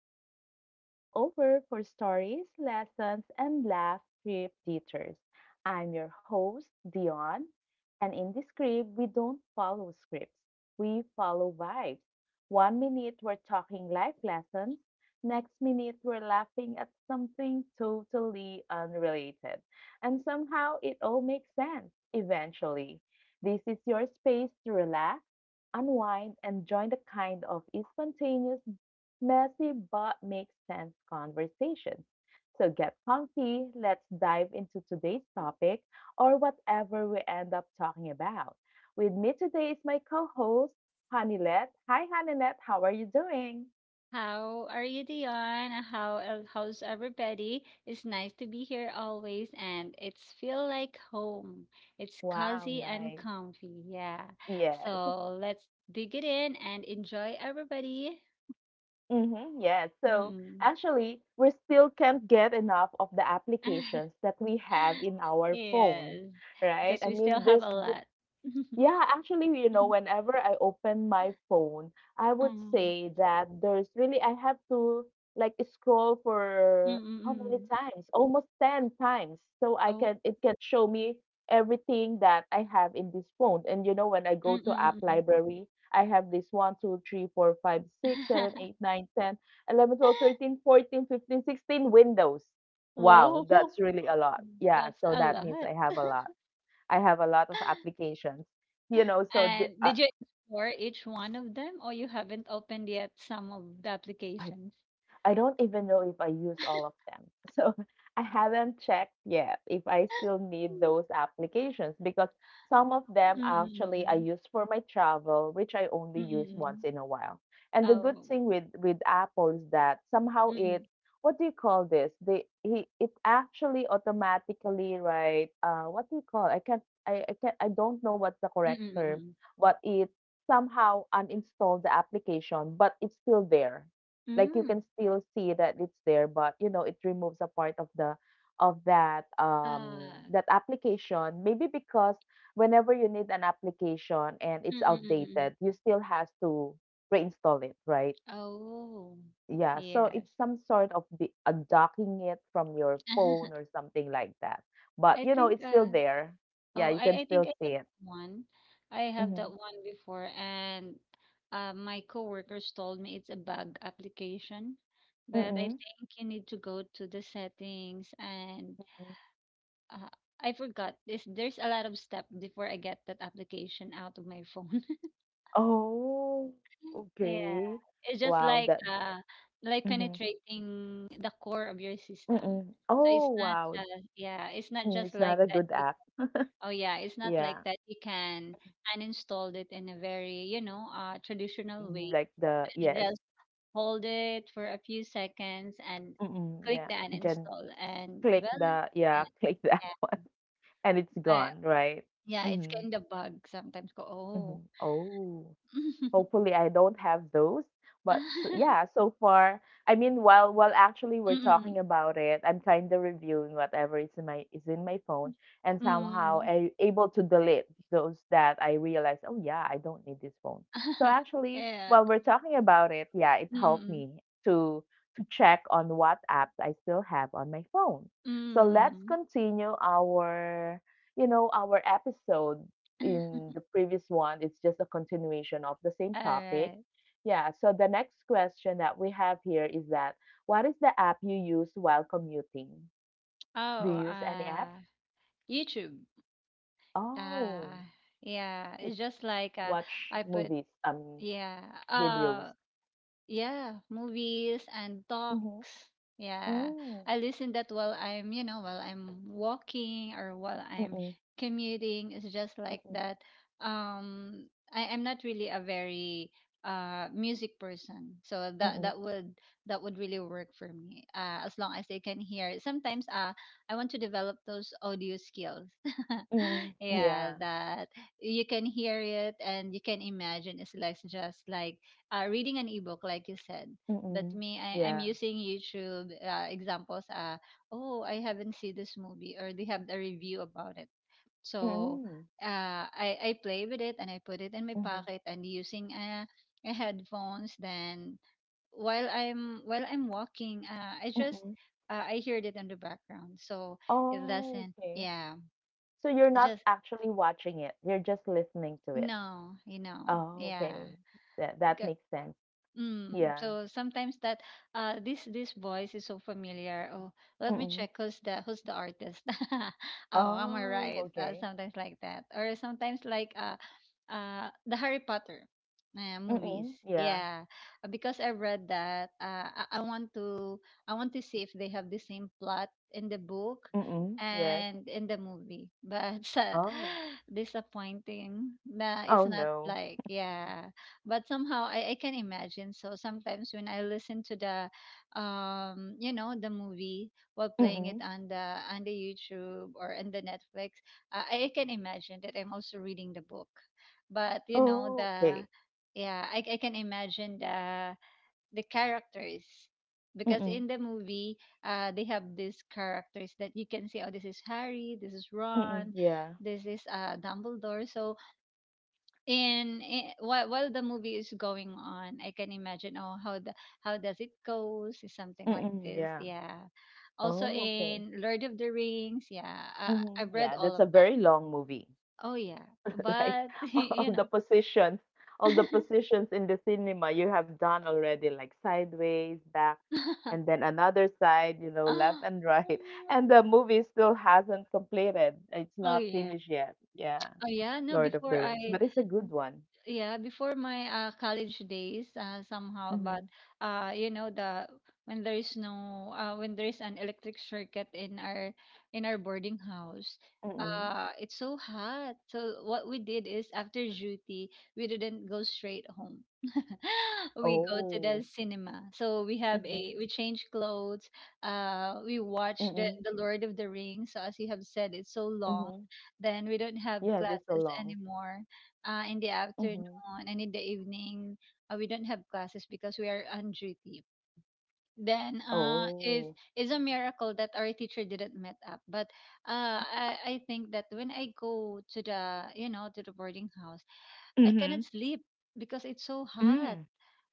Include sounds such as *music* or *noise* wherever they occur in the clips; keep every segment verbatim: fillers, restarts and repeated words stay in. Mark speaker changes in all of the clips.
Speaker 1: your weekly stopover for stories, lessons, and laugh trip teachers. I'm your host, Dion, and in this scribe, we don't follow scripts, we follow vibes. One minute we're talking life lessons, next minute we're laughing at something totally unrelated, and somehow it all makes sense eventually. This is your space to relax unwind, and join the kind of spontaneous, messy, but makes sense conversation. So get comfy, let's dive into today's topic or whatever we end up talking about. With me today is my co host, Hanilette. Hi, Hanilette, how are you doing?
Speaker 2: How are you, Dion? How el- how's everybody? It's nice to be here always, and it's feel like home. It's
Speaker 1: Wow,
Speaker 2: cozy and
Speaker 1: nice.
Speaker 2: comfy. Yeah.
Speaker 1: Yes.
Speaker 2: So let's dig it in and enjoy everybody.
Speaker 1: Mm-hmm, yes. So
Speaker 2: Mm-mm.
Speaker 1: actually, we still can't get enough of the applications
Speaker 2: *laughs*
Speaker 1: that we have in our phone,
Speaker 2: Yes,
Speaker 1: right?
Speaker 2: because
Speaker 1: I
Speaker 2: we still
Speaker 1: mean,
Speaker 2: have
Speaker 1: there's
Speaker 2: a lot. *laughs*
Speaker 1: yeah, actually, you know, whenever I open my phone, I would
Speaker 2: Mm.
Speaker 1: say that there's really, I have to like scroll for how many
Speaker 2: Mm-mm-mm.
Speaker 1: times? Almost ten times. So I
Speaker 2: Oh.
Speaker 1: can, it can show me everything that I have in this phone. And you know, when I go to app
Speaker 2: Mm-mm-mm.
Speaker 1: library, I have this one, two, three, four, five, six, seven, eight,
Speaker 2: *laughs*
Speaker 1: nine, ten, eleven, twelve, thirteen, fourteen, fifteen, sixteen windows. Wow,
Speaker 2: Whoa,
Speaker 1: that's really a lot. Yeah,
Speaker 2: that's
Speaker 1: so
Speaker 2: a
Speaker 1: that means
Speaker 2: lot.
Speaker 1: I
Speaker 2: *laughs*
Speaker 1: have a lot. I have a lot of applications, you know, so the,
Speaker 2: And
Speaker 1: uh,
Speaker 2: did you explore each one of them, or you haven't opened yet some of the
Speaker 1: I
Speaker 2: applications?
Speaker 1: I don't even know if I use all of them. *laughs* So I haven't checked yet if I still need those
Speaker 2: *laughs*
Speaker 1: applications because some of them actually I
Speaker 2: Mm-mm-mm.
Speaker 1: use for my travel, which I only use once
Speaker 2: Mm
Speaker 1: in a while. And the good
Speaker 2: Oh.
Speaker 1: thing with with Apple is that somehow it,
Speaker 2: Mm-mm.
Speaker 1: what do you call this? They he it actually automatically, right, uh what do you call, I can't I, I can't I don't know what's the correct term.
Speaker 2: Mm-mm-mm.
Speaker 1: But it somehow uninstalled the application, but it's still there, like, you
Speaker 2: Mm.
Speaker 1: can still see that it's there, but you know it removes a part of the, of that um
Speaker 2: Uh.
Speaker 1: that application, maybe because whenever you need an application and
Speaker 2: mm
Speaker 1: it's
Speaker 2: mm
Speaker 1: outdated you still has to reinstall it, right?
Speaker 2: Oh.
Speaker 1: Yeah, so it's
Speaker 2: Yes.
Speaker 1: some sort of be- undockinging it from your phone or
Speaker 2: *laughs*
Speaker 1: something like that, but
Speaker 2: I
Speaker 1: you know
Speaker 2: think.
Speaker 1: it's still
Speaker 2: Uh.
Speaker 1: there,
Speaker 2: Oh,
Speaker 1: yeah, you can
Speaker 2: I, I think
Speaker 1: still
Speaker 2: I have
Speaker 1: see it.
Speaker 2: that one. I have
Speaker 1: Mm-hmm.
Speaker 2: that one before, and uh, my coworkers told me it's a bug application. But I
Speaker 1: Mm-hmm.
Speaker 2: think you need to go to the settings, and uh, I forgot this. There's a lot of step before I get that application out of my phone. *laughs*
Speaker 1: Oh,
Speaker 2: Yeah,
Speaker 1: okay.
Speaker 2: it's just
Speaker 1: Wow,
Speaker 2: like
Speaker 1: that.
Speaker 2: uh, like penetrating the core of your system.
Speaker 1: Mm.
Speaker 2: So it's
Speaker 1: Oh,
Speaker 2: not
Speaker 1: wow.
Speaker 2: just yeah, it's not
Speaker 1: Mm,
Speaker 2: just
Speaker 1: it's
Speaker 2: like
Speaker 1: not a
Speaker 2: that.
Speaker 1: good
Speaker 2: You
Speaker 1: app.
Speaker 2: Oh yeah, it's not like
Speaker 1: Yeah.
Speaker 2: that you can uninstall it in a very, you know, uh, traditional
Speaker 1: Mhm,
Speaker 2: way.
Speaker 1: like the
Speaker 2: You
Speaker 1: yes.
Speaker 2: just hold it for a few seconds and
Speaker 1: Mm-mm,
Speaker 2: click
Speaker 1: yeah.
Speaker 2: the
Speaker 1: Then
Speaker 2: uninstall, and
Speaker 1: click
Speaker 2: well,
Speaker 1: the,
Speaker 2: yeah,
Speaker 1: yeah, *laughs* click that
Speaker 2: yeah.
Speaker 1: one and it's
Speaker 2: But
Speaker 1: gone, right?
Speaker 2: yeah, it's
Speaker 1: Mm-hmm.
Speaker 2: kind of bug sometimes. Go,
Speaker 1: Mm-hmm.
Speaker 2: oh.
Speaker 1: Oh.
Speaker 2: *laughs*
Speaker 1: Hopefully, I don't have those. But s yeah, so far, I mean, while while actually we're talking
Speaker 2: Mm-mm.
Speaker 1: about it, I'm kind of reviewing whatever is in my is in my phone, and
Speaker 2: mm
Speaker 1: somehow
Speaker 2: mm.
Speaker 1: I able to delete those that I realize, oh yeah, I don't need this phone. So
Speaker 2: *laughs*
Speaker 1: actually,
Speaker 2: Yeah.
Speaker 1: while we're talking about it, yeah, it helped
Speaker 2: mm
Speaker 1: me to to check on what apps I still have on my phone. So let's
Speaker 2: Mm-mm.
Speaker 1: continue our you know our episode. In
Speaker 2: *laughs*
Speaker 1: the previous one, it's just a continuation of the same
Speaker 2: All
Speaker 1: topic.
Speaker 2: right.
Speaker 1: Yeah, so the next question that we have here is that what is the app you use while commuting? Do you
Speaker 2: Oh,
Speaker 1: use any apps?
Speaker 2: uh, YouTube. Uh,
Speaker 1: Oh,
Speaker 2: yeah,
Speaker 1: just
Speaker 2: it's just like uh,
Speaker 1: watch
Speaker 2: I put
Speaker 1: movies, um,
Speaker 2: yeah.
Speaker 1: videos.
Speaker 2: Uh, yeah, movies and talks.
Speaker 1: Mm-hmm.
Speaker 2: Yeah.
Speaker 1: Mm.
Speaker 2: I listen that while I'm, you know, while I'm walking or while I'm
Speaker 1: Mm-mm.
Speaker 2: commuting. It's just like
Speaker 1: Mm-mm.
Speaker 2: that. Um I am not really a very uh music person. So that
Speaker 1: Mm-mm.
Speaker 2: that would that would really work for me. Uh, as long as I can hear it. Sometimes uh I want to develop those audio skills. *laughs*
Speaker 1: Mm-mm.
Speaker 2: Yeah,
Speaker 1: Yeah.
Speaker 2: that you can hear it and you can imagine it's like just like uh, reading an ebook, like you said. But
Speaker 1: Mm-mm.
Speaker 2: me, I, I'm
Speaker 1: Yeah.
Speaker 2: using YouTube uh, examples. Uh, oh, I haven't seen this movie, or they have a review about it. So
Speaker 1: Mm-mm.
Speaker 2: uh, I, I play with it and I put it in my
Speaker 1: Mm-hmm.
Speaker 2: pocket and using uh, a headphones. Then while I'm while I'm walking, uh, I just
Speaker 1: Mm-mm.
Speaker 2: uh, I heard it in the background, so it
Speaker 1: Oh,
Speaker 2: doesn't.
Speaker 1: okay.
Speaker 2: Yeah,
Speaker 1: So you're
Speaker 2: it
Speaker 1: not
Speaker 2: just
Speaker 1: actually watching it, you're just listening to it.
Speaker 2: no, you know,
Speaker 1: Oh,
Speaker 2: yeah.
Speaker 1: okay. That that makes sense.
Speaker 2: Mm.
Speaker 1: Yeah.
Speaker 2: So sometimes that uh this this voice is so familiar. Oh, let me
Speaker 1: Mm-mm.
Speaker 2: check who's the who's the artist. *laughs* Oh, am I
Speaker 1: Oh,
Speaker 2: right? Uh,
Speaker 1: okay.
Speaker 2: sometimes like that, or sometimes like uh uh the Harry Potter uh, movies.
Speaker 1: Mm-mm. Yeah.
Speaker 2: Yeah, Uh, because I read that. Uh, I, I want to I want to see if they have the same plot in the book
Speaker 1: Mm-mm. Yes.
Speaker 2: and in the movie, but *laughs* uh,
Speaker 1: Oh.
Speaker 2: *sighs* disappointing. Nah, it's
Speaker 1: Oh
Speaker 2: not
Speaker 1: no.
Speaker 2: like yeah, but somehow I, I can imagine. So sometimes when I listen to the um you know, the movie while playing it
Speaker 1: Mm-mm.
Speaker 2: on the on the YouTube or on the Netflix, uh, i I can imagine that I'm also reading the book, but you know
Speaker 1: Oh,
Speaker 2: the
Speaker 1: okay.
Speaker 2: yeah i, I can imagine the the characters, because
Speaker 1: Mm-mm.
Speaker 2: in the movie uh, they have these characters that you can see. Oh, this is Harry, this is
Speaker 1: Mm-mm.
Speaker 2: Ron,
Speaker 1: Yeah.
Speaker 2: this is uh, Dumbledore. So in, in while while the movie is going on, I can imagine, oh, how the how does it goes is something like
Speaker 1: Mm-mm.
Speaker 2: this.
Speaker 1: Yeah.
Speaker 2: Yeah, also
Speaker 1: Oh, okay.
Speaker 2: in Lord of the Rings, yeah, uh, I've
Speaker 1: Mm-hmm.
Speaker 2: read
Speaker 1: Yeah,
Speaker 2: all
Speaker 1: that's a
Speaker 2: of that.
Speaker 1: very long movie.
Speaker 2: Oh yeah,
Speaker 1: Like,
Speaker 2: but *laughs*
Speaker 1: *laughs* all
Speaker 2: you
Speaker 1: the
Speaker 2: know,
Speaker 1: positions, all the
Speaker 2: *laughs*
Speaker 1: positions in the cinema you have done already, like sideways, back, and then another side, you know, left
Speaker 2: oh
Speaker 1: and right. *laughs* And the movie still hasn't completed. It's not
Speaker 2: yeah,
Speaker 1: finished yet. Yeah.
Speaker 2: oh yeah, no,
Speaker 1: Lord of
Speaker 2: before
Speaker 1: the Rings.
Speaker 2: I
Speaker 1: But it's a good one.
Speaker 2: yeah before my uh, college days, uh, somehow. But
Speaker 1: Mm-hmm.
Speaker 2: uh you know, the when there is no uh, when there is an electric circuit in our in our boarding house,
Speaker 1: Mm-hmm.
Speaker 2: uh it's so hot. So what we did is after duty, we didn't go straight home. *laughs* We go to the
Speaker 1: Oh.
Speaker 2: cinema. So we have
Speaker 1: Mm-hmm.
Speaker 2: a we change clothes, uh we
Speaker 1: Mm-hmm.
Speaker 2: watch the the Lord of the Rings. So as you have said, it's so
Speaker 1: Mm-hmm.
Speaker 2: long. Then we don't
Speaker 1: Yes,
Speaker 2: have
Speaker 1: it's so long.
Speaker 2: classes anymore, uh, in the
Speaker 1: Mm-hmm.
Speaker 2: afternoon and in the evening. uh, we don't have classes because we are on duty. Then uh
Speaker 1: Oh.
Speaker 2: is is a miracle that our teacher didn't met up. But uh I, I think that when I go to the you know to the boarding house, I
Speaker 1: Mm-hmm.
Speaker 2: cannot sleep because it's so hot.
Speaker 1: Mm.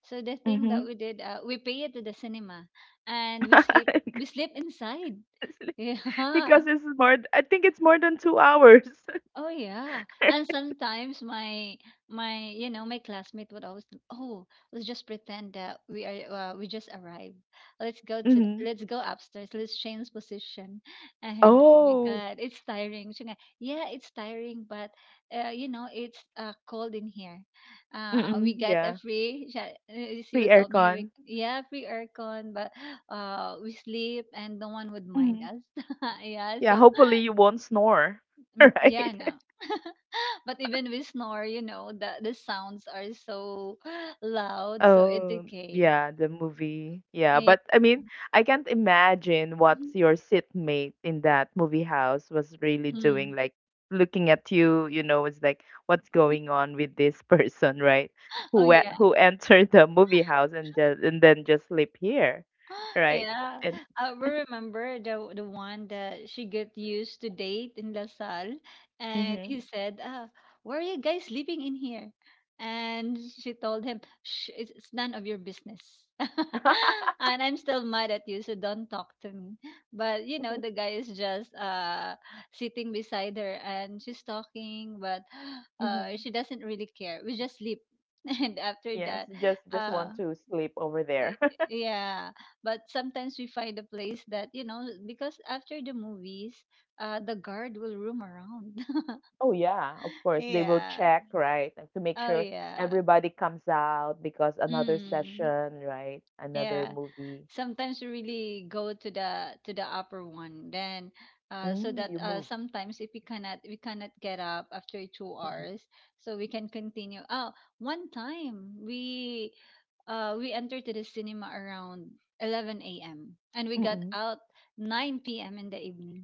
Speaker 2: So the thing that
Speaker 1: Mm-hmm.
Speaker 2: we did, uh, we pay it to the cinema, and we sleep. We sleep inside. *laughs*
Speaker 1: *laughs*
Speaker 2: Yeah,
Speaker 1: Because it's more I think it's more than two hours.
Speaker 2: oh yeah. And
Speaker 1: *laughs*
Speaker 2: sometimes my my you know, my classmate would always do, oh, let's just pretend that we are uh, we just arrived. Let's go to th-
Speaker 1: Mhm.
Speaker 2: let's go upstairs. Let's change position. *laughs* And oh my
Speaker 1: Oh.
Speaker 2: god, it's tiring. Siya nga, yeah, it's tiring. But uh, you know, it's uh, cold in here. Uh,
Speaker 1: Mm,
Speaker 2: we get a
Speaker 1: yeah.
Speaker 2: free siya- uh, she
Speaker 1: Free
Speaker 2: would tell me, we,
Speaker 1: aircon.
Speaker 2: yeah, free aircon. But uh we sleep and no one would mind
Speaker 1: Mhm.
Speaker 2: us. *laughs* Yeah,
Speaker 1: Yeah,
Speaker 2: so
Speaker 1: hopefully you won't snore, *laughs*
Speaker 2: mm, yeah,
Speaker 1: right?
Speaker 2: no. *laughs* But even we snore, you know, the the sounds are so *gasps* loud, so it's
Speaker 1: Oh,
Speaker 2: okay.
Speaker 1: yeah, the movie. Yeah,
Speaker 2: Yeah.
Speaker 1: but I mean, I, can't imagine what
Speaker 2: Mhm.
Speaker 1: your sitmate in that movie house was really
Speaker 2: Mm.
Speaker 1: doing, like looking at you, you know, it's like what's going on with this *laughs* person, right?
Speaker 2: Oh
Speaker 1: Who e-
Speaker 2: yeah.
Speaker 1: who entered the movie house and just, and then just sleep here,
Speaker 2: *laughs*
Speaker 1: right?
Speaker 2: Yeah, I will remember the the one that she got used to date in Lasal, and he
Speaker 1: Mhm.
Speaker 2: said, "Ah, why are you guys sleeping in here?" And she told him, shh, it's, "It's none of your business." *laughs*
Speaker 1: Mhm.
Speaker 2: And I'm still mad at you, so don't talk to me. But you know, the guy is just uh sitting beside her, and she's talking, but *gasps* uh she
Speaker 1: *laughs*
Speaker 2: doesn't really care. We just sleep, *laughs* and after
Speaker 1: Yes,
Speaker 2: that,
Speaker 1: just just want
Speaker 2: uh
Speaker 1: to sleep over there.
Speaker 2: Y-
Speaker 1: *laughs*
Speaker 2: yeah. But sometimes we find a place that you know, because after the movies uh the guard will roam around. *laughs*
Speaker 1: Oh yeah, of course. They will
Speaker 2: Yeah,
Speaker 1: check, right? And to make
Speaker 2: oh
Speaker 1: sure
Speaker 2: yeah.
Speaker 1: everybody comes out because another
Speaker 2: Mm.
Speaker 1: session, right? Another
Speaker 2: Yeah,
Speaker 1: movie.
Speaker 2: sometimes we really go to the to the upper one, then uh, so
Speaker 1: Mm,
Speaker 2: that
Speaker 1: you
Speaker 2: uh,
Speaker 1: moved.
Speaker 2: sometimes if we cannot we cannot get up after two
Speaker 1: Mhm.
Speaker 2: hours so we can continue. Oh, one time we uh, we entered to the cinema around eleven a.m and we got
Speaker 1: Mm-mm.
Speaker 2: out nine p.m in the evening.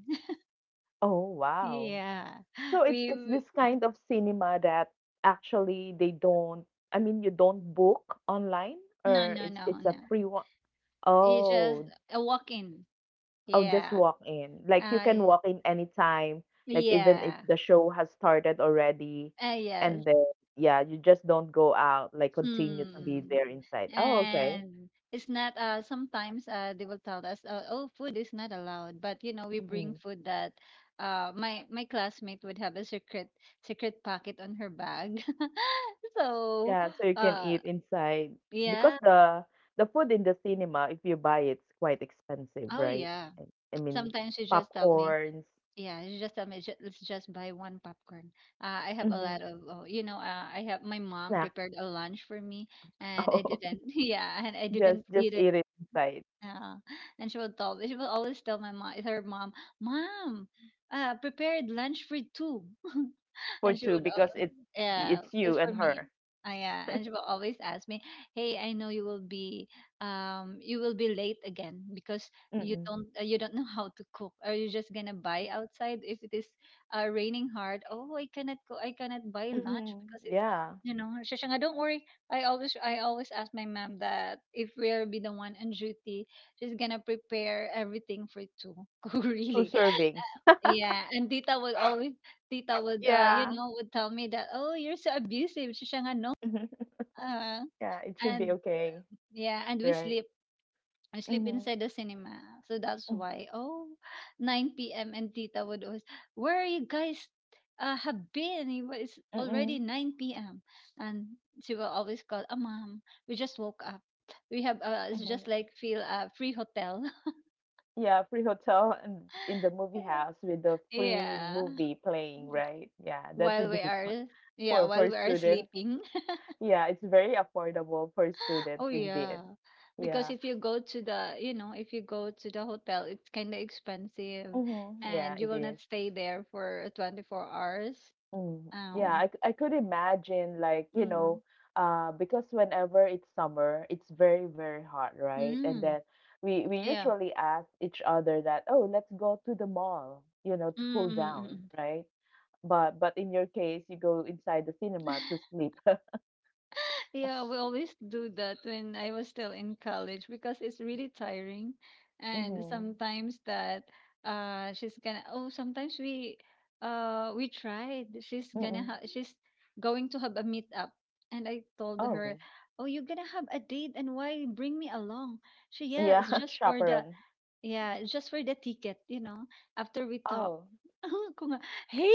Speaker 1: Oh
Speaker 2: *laughs*
Speaker 1: wow.
Speaker 2: Yeah,
Speaker 1: So it's
Speaker 2: we,
Speaker 1: it's
Speaker 2: we
Speaker 1: this kind of cinema that actually they don't, I mean you don't book online,
Speaker 2: no
Speaker 1: or
Speaker 2: no
Speaker 1: it's
Speaker 2: no
Speaker 1: it's a
Speaker 2: no,
Speaker 1: free one.
Speaker 2: you just
Speaker 1: Oh.
Speaker 2: a walk in,
Speaker 1: Oh, just
Speaker 2: yeah,
Speaker 1: walk in. Like, you can
Speaker 2: I
Speaker 1: walk in anytime, like, even if
Speaker 2: yeah,
Speaker 1: the show has started already,
Speaker 2: uh,
Speaker 1: and
Speaker 2: yes.
Speaker 1: then, yeah, you just don't go out, like, continue to be
Speaker 2: Hmm.
Speaker 1: there inside. Oh, okay.
Speaker 2: And it's not uh sometimes uh they will tell us, uh, oh, food is not allowed, but you know we bring
Speaker 1: Mm.
Speaker 2: food that uh my my classmate would have a secret secret pocket on her bag. *laughs* So
Speaker 1: Yeah, so you can
Speaker 2: uh
Speaker 1: eat inside because
Speaker 2: yeah,
Speaker 1: the the food in the cinema, if you buy it's quite expensive,
Speaker 2: oh
Speaker 1: right?
Speaker 2: yeah.
Speaker 1: I I mean,
Speaker 2: Sometimes she just tell me,
Speaker 1: popcorns,
Speaker 2: yeah, she just tell me, "Ju- let's just buy one popcorn, uh, I have a
Speaker 1: hmm,
Speaker 2: lot of, oh, you know, uh, I have my mom
Speaker 1: snacks.
Speaker 2: prepared a lunch for me
Speaker 1: *laughs*
Speaker 2: and I
Speaker 1: Oh,
Speaker 2: didn't." *laughs* Yeah, and I
Speaker 1: just
Speaker 2: didn't
Speaker 1: just
Speaker 2: eat.
Speaker 1: eat it inside,
Speaker 2: Yeah. And she would tell she would always tell my mom her mom, mom, uh prepared lunch for two. *laughs* *laughs*
Speaker 1: for
Speaker 2: And she
Speaker 1: two
Speaker 2: would,
Speaker 1: because
Speaker 2: al-
Speaker 1: it's
Speaker 2: yeah,
Speaker 1: it's
Speaker 2: it's
Speaker 1: you
Speaker 2: for
Speaker 1: and
Speaker 2: me.
Speaker 1: her.
Speaker 2: Uh, yeah, and she will always ask me, "Hey, I know you will be, um, you will be late again because you
Speaker 1: Mm-mm.
Speaker 2: don't, uh, you don't know how to cook. Are you just gonna buy outside if it is uh, raining hard? Oh, I cannot go, I cannot buy lunch
Speaker 1: Hmm.
Speaker 2: because it's,
Speaker 1: Yeah.
Speaker 2: you know." She siya, "Don't worry. I always, I always ask my mom that if we'll be the one on duty, she's gonna prepare everything for two. *laughs* Oh,
Speaker 1: two
Speaker 2: really?"
Speaker 1: servings. *laughs*
Speaker 2: Yeah, and tita would always tita would uh you
Speaker 1: Yeah.
Speaker 2: know, would tell me that, oh, you're so abusive. So siya nga no.
Speaker 1: Mhm.
Speaker 2: Uh,
Speaker 1: Yeah, it should be
Speaker 2: and
Speaker 1: okay,
Speaker 2: yeah, and we
Speaker 1: right?
Speaker 2: sleep. We sleep
Speaker 1: Mhm.
Speaker 2: inside the cinema. So that's
Speaker 1: Mm,
Speaker 2: why, oh, nine p m and tita would always where are you guys uh have been? It was already
Speaker 1: Mm-mm.
Speaker 2: nine p m and she will always call, "Ah, mom, we just woke up. We have uh it's
Speaker 1: Mhm.
Speaker 2: just like feel a free hotel."
Speaker 1: Yeah, free hotel and in the movie house with the
Speaker 2: *laughs*
Speaker 1: free
Speaker 2: Yeah,
Speaker 1: movie playing, right? Yeah, that's a
Speaker 2: while we
Speaker 1: good *laughs* one
Speaker 2: are yeah
Speaker 1: for
Speaker 2: while
Speaker 1: for
Speaker 2: we are
Speaker 1: students.
Speaker 2: sleeping. *laughs*
Speaker 1: Yeah, it's very affordable for students
Speaker 2: Oh
Speaker 1: indeed.
Speaker 2: yeah, because
Speaker 1: Yeah.
Speaker 2: if you go to the you know, if you go to the hotel, it's kind of expensive,
Speaker 1: Mhm. Yeah,
Speaker 2: and you
Speaker 1: it
Speaker 2: will not
Speaker 1: is.
Speaker 2: stay there for twenty-four hours.
Speaker 1: Mm, yeah,
Speaker 2: Um,
Speaker 1: I, c- I could imagine, like, you
Speaker 2: mm,
Speaker 1: know, uh, because whenever it's summer, it's very, very hot, right? And
Speaker 2: mm,
Speaker 1: then we we
Speaker 2: yeah,
Speaker 1: usually ask each other that, oh, let's go to the mall, you know,
Speaker 2: mm,
Speaker 1: to cool
Speaker 2: mm,
Speaker 1: down,
Speaker 2: mm,
Speaker 1: right? But but in your case, you go inside the
Speaker 2: mm.
Speaker 1: cinema
Speaker 2: *laughs*
Speaker 1: to sleep. *laughs*
Speaker 2: Yeah, we always do that when I was still in college because it's really tiring. And
Speaker 1: Mm-hmm.
Speaker 2: sometimes that uh she's gonna, oh, sometimes we uh we tried. She's gonna
Speaker 1: Mm-mm.
Speaker 2: ha she's going to have a meetup. And I told her,
Speaker 1: Oh,
Speaker 2: oh, you're gonna have a date and why bring me along? She, yes,
Speaker 1: yeah,
Speaker 2: just
Speaker 1: *laughs*
Speaker 2: for the
Speaker 1: chaperone.
Speaker 2: yeah, just for the ticket, you know, after we talk.
Speaker 1: Oh,
Speaker 2: *laughs* Kung, hey,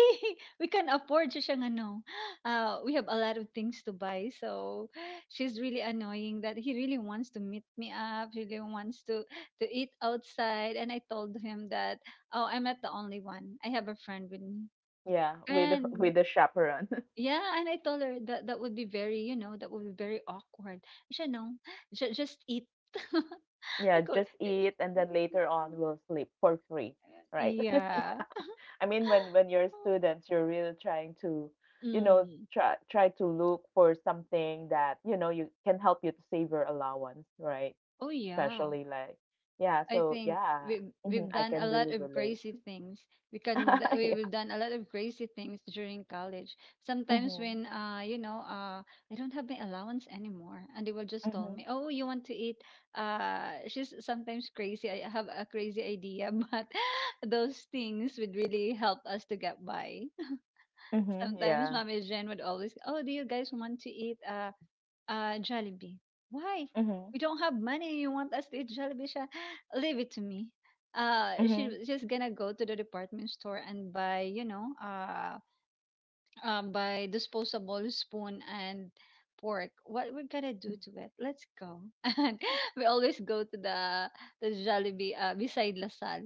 Speaker 2: *laughs* we can afford siya siyang ano. Uh, we have a lot of things to buy. So she's really annoying that he really wants to meet me up. He really wants to, to eat outside. And I told him that, oh, I'm not the only one. I have a friend with me.
Speaker 1: yeah, with *laughs* with
Speaker 2: And
Speaker 1: the chaperone. *laughs*
Speaker 2: yeah, and I told her that that would be very, you know, that would be very awkward. She said, no, ju- just eat. *laughs*
Speaker 1: Yeah,
Speaker 2: I go.
Speaker 1: just eat and then later on we'll sleep for free, right? *laughs*
Speaker 2: Yeah. *gasps*
Speaker 1: I mean, when when you're students, you're really trying to, you know,
Speaker 2: Mm.
Speaker 1: try try to look for something that you know you can help you to save your allowance, right?
Speaker 2: Oh yeah.
Speaker 1: Especially like, yeah.
Speaker 2: I
Speaker 1: So
Speaker 2: think
Speaker 1: yeah,
Speaker 2: we've
Speaker 1: hmm,
Speaker 2: we've
Speaker 1: I
Speaker 2: done a
Speaker 1: can
Speaker 2: lot
Speaker 1: really
Speaker 2: of
Speaker 1: relate.
Speaker 2: crazy things. We can th-
Speaker 1: *laughs* Yeah.
Speaker 2: we've done a lot of crazy things during college. Sometimes
Speaker 1: Mm-hmm.
Speaker 2: when uh you know uh I don't have my allowance anymore, and they will just tell
Speaker 1: Mm-hmm.
Speaker 2: me, oh, you want to eat? Uh, she's sometimes crazy. I have a crazy idea, *laughs* but those things would really help us to get by. *laughs*
Speaker 1: Mm-hmm.
Speaker 2: Sometimes
Speaker 1: Yeah.
Speaker 2: Mommy Jen would always, oh, do you guys want to eat? Uh, Uh, Jollibee. Why?
Speaker 1: Mm-hmm.
Speaker 2: We don't have money. You want us to eat Jollibee? Sha? *gasps* Leave it to me. Uh,
Speaker 1: Mm-hmm.
Speaker 2: she she's gonna go to the department store and buy, you know, uh, uh, buy disposable spoon and fork. What we're gonna do to it? Let's go. *laughs* And we always go to the the Jollibee, uh, beside Lasal.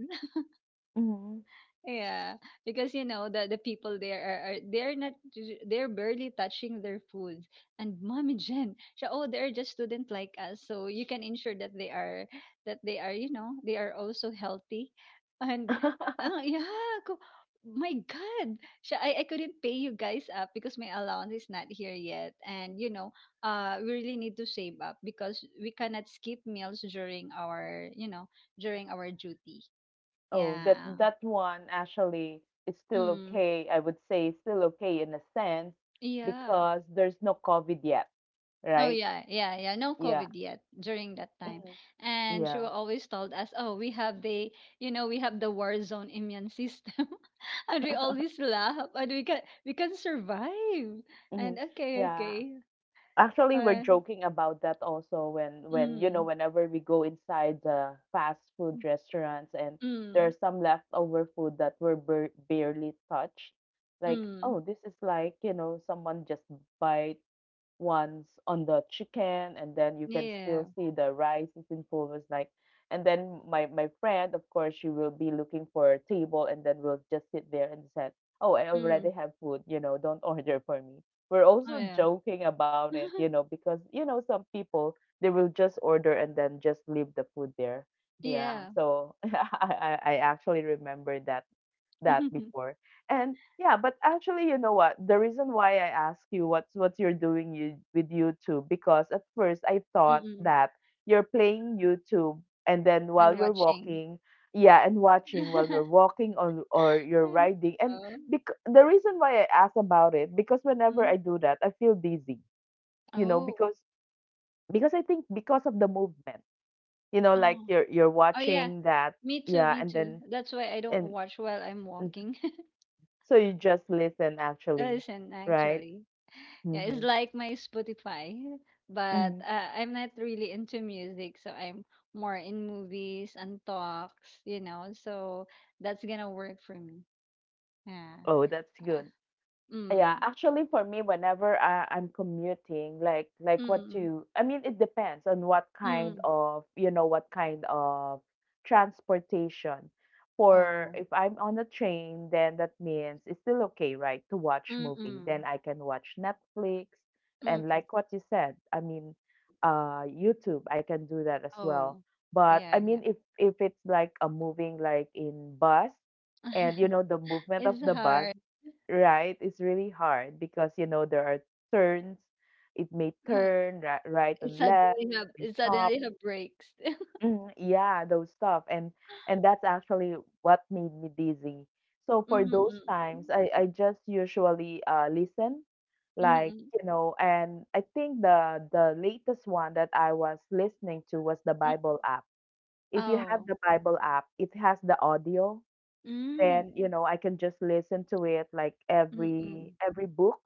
Speaker 1: Mm-hmm.
Speaker 2: Yeah, because you know the the people there are, are they're not, they're barely touching their food. And Mommy Jen, siya, oh, they're just student like us, so you can ensure that they are that they are you know, they are also healthy. And
Speaker 1: *laughs*
Speaker 2: oh yeah, ko, my God, siya, I I couldn't pay you guys up because my allowance is not here yet, and you know, uh we really need to save up because we cannot skip meals during our, you know, during our duty.
Speaker 1: Oh, that
Speaker 2: Yeah.
Speaker 1: that one actually is still
Speaker 2: Mm.
Speaker 1: okay. I would say still okay in a sense
Speaker 2: Yeah.
Speaker 1: because there's no COVID yet,
Speaker 2: Oh
Speaker 1: right?
Speaker 2: yeah, yeah, yeah. No
Speaker 1: Yeah.
Speaker 2: COVID yet during that time. And she
Speaker 1: Yeah.
Speaker 2: will always told us, "Oh, we have the, you know, we have the war zone immune system." *laughs* And we always laugh, and we can we can survive. And
Speaker 1: Mhm.
Speaker 2: okay,
Speaker 1: Yeah.
Speaker 2: okay.
Speaker 1: Actually, we're
Speaker 2: Uh,
Speaker 1: joking about that also when when you know
Speaker 2: mm.
Speaker 1: whenever we go inside the fast food restaurants, and
Speaker 2: Mm.
Speaker 1: there's some leftover food that we're bar barely touched. Like,
Speaker 2: Mm.
Speaker 1: oh, this is like, you know, someone just bite ones on the chicken, and then you can
Speaker 2: Yeah.
Speaker 1: still see the rice is in fullness, like, and then my my friend, of course, she will be looking for a table, and then we'll just sit there and said, oh, I already
Speaker 2: Mm.
Speaker 1: have food, you know, don't *laughs* order for me. We're
Speaker 2: Oh
Speaker 1: also
Speaker 2: yeah.
Speaker 1: joking about it, you
Speaker 2: *laughs*
Speaker 1: know, because you know some people, they will just order and then just leave the food there. Yeah,
Speaker 2: Yeah.
Speaker 1: so *laughs* i i I actually remember that that
Speaker 2: *laughs*
Speaker 1: before. And yeah, but actually, you know what? The reason why I ask you what's what you're doing you, with YouTube, because at first I thought
Speaker 2: Mm-mm.
Speaker 1: that you're playing YouTube and then while
Speaker 2: And
Speaker 1: you're
Speaker 2: watching.
Speaker 1: walking, yeah, and watching
Speaker 2: *laughs*
Speaker 1: while you're walking, or or you're
Speaker 2: Mm.
Speaker 1: riding. And
Speaker 2: Oh.
Speaker 1: bec- the reason why I ask about it, because whenever
Speaker 2: Mm.
Speaker 1: I do that, I feel dizzy. You know,
Speaker 2: Oh.
Speaker 1: because because I think because of the movement. You know, like
Speaker 2: Oh.
Speaker 1: you're you're
Speaker 2: Oh yeah,
Speaker 1: watching that,
Speaker 2: me too,
Speaker 1: yeah,
Speaker 2: me
Speaker 1: and
Speaker 2: too.
Speaker 1: then
Speaker 2: That's why I don't
Speaker 1: and
Speaker 2: watch while I'm walking. *laughs*
Speaker 1: so you just listen actually,
Speaker 2: Listen,
Speaker 1: right?
Speaker 2: actually. Yeah, it's
Speaker 1: Mhm.
Speaker 2: like my Spotify, but
Speaker 1: Mhm.
Speaker 2: uh, I'm not really into music, so I'm more in movies and talks, you know. So that's gonna work for me. Yeah.
Speaker 1: Oh, that's
Speaker 2: Uh,
Speaker 1: good. Yeah,
Speaker 2: Mm.
Speaker 1: actually for me, whenever I, I'm commuting, like like what
Speaker 2: Mm.
Speaker 1: you, I mean, it depends on what
Speaker 2: Mm. Mm.
Speaker 1: kind
Speaker 2: Mm.
Speaker 1: of, you know, what kind of transportation. For
Speaker 2: Oh.
Speaker 1: if I'm on a train, then that means it's still okay, right, to watch
Speaker 2: Mm.
Speaker 1: movie. Then
Speaker 2: Mm.
Speaker 1: I can watch Netflix,
Speaker 2: Mm.
Speaker 1: and
Speaker 2: Mm.
Speaker 1: like what you said, I mean, uh, YouTube, I can do that as well.
Speaker 2: Oh.
Speaker 1: But I
Speaker 2: Yeah. Yeah.
Speaker 1: mean, if if it's like a moving, like in bus, and you
Speaker 2: *laughs*
Speaker 1: know the movement of
Speaker 2: It's
Speaker 1: the bus.
Speaker 2: hard.
Speaker 1: Right, it's really hard because you know there are turns. It may
Speaker 2: *laughs*
Speaker 1: turn right, right
Speaker 2: It
Speaker 1: and left.
Speaker 2: suddenly have
Speaker 1: May
Speaker 2: it
Speaker 1: stop.
Speaker 2: suddenly have breaks.
Speaker 1: Mhm, yeah, those stuff, and and that's actually what made me dizzy. So for
Speaker 2: Mm,
Speaker 1: those
Speaker 2: mm.
Speaker 1: times, I I just usually uh listen, like,
Speaker 2: Mm.
Speaker 1: you know, and I think the the latest one that I was listening to was the Bible app. If you have
Speaker 2: Oh.
Speaker 1: the Bible app, it has the audio,
Speaker 2: Mm,
Speaker 1: then you know I can just listen to it like every
Speaker 2: mm.
Speaker 1: every book,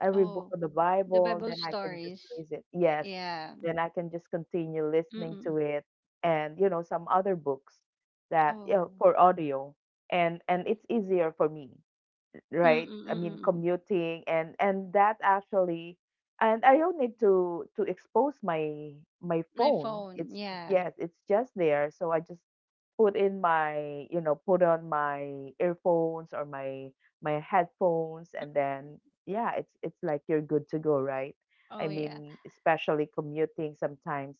Speaker 1: every book
Speaker 2: Oh,
Speaker 1: of the
Speaker 2: the
Speaker 1: Bible.
Speaker 2: Bible
Speaker 1: Then I can just
Speaker 2: stories.
Speaker 1: listen. Yes,
Speaker 2: Yeah.
Speaker 1: then I can just continue listening to
Speaker 2: Mm.
Speaker 1: it, and you know some other books that you
Speaker 2: Oh.
Speaker 1: know, for audio, and and it's easier for me,
Speaker 2: Mm,
Speaker 1: right? I mean,
Speaker 2: mm.
Speaker 1: commuting and and that actually, and I don't need to to expose my my
Speaker 2: My
Speaker 1: phone.
Speaker 2: phone.
Speaker 1: It's
Speaker 2: Yeah.
Speaker 1: yes, it's just there. So I just put in my you know put on my earphones or my my headphones and then yeah it's it's like you're good to go, right? I
Speaker 2: Oh, yeah.
Speaker 1: mean, especially commuting sometimes,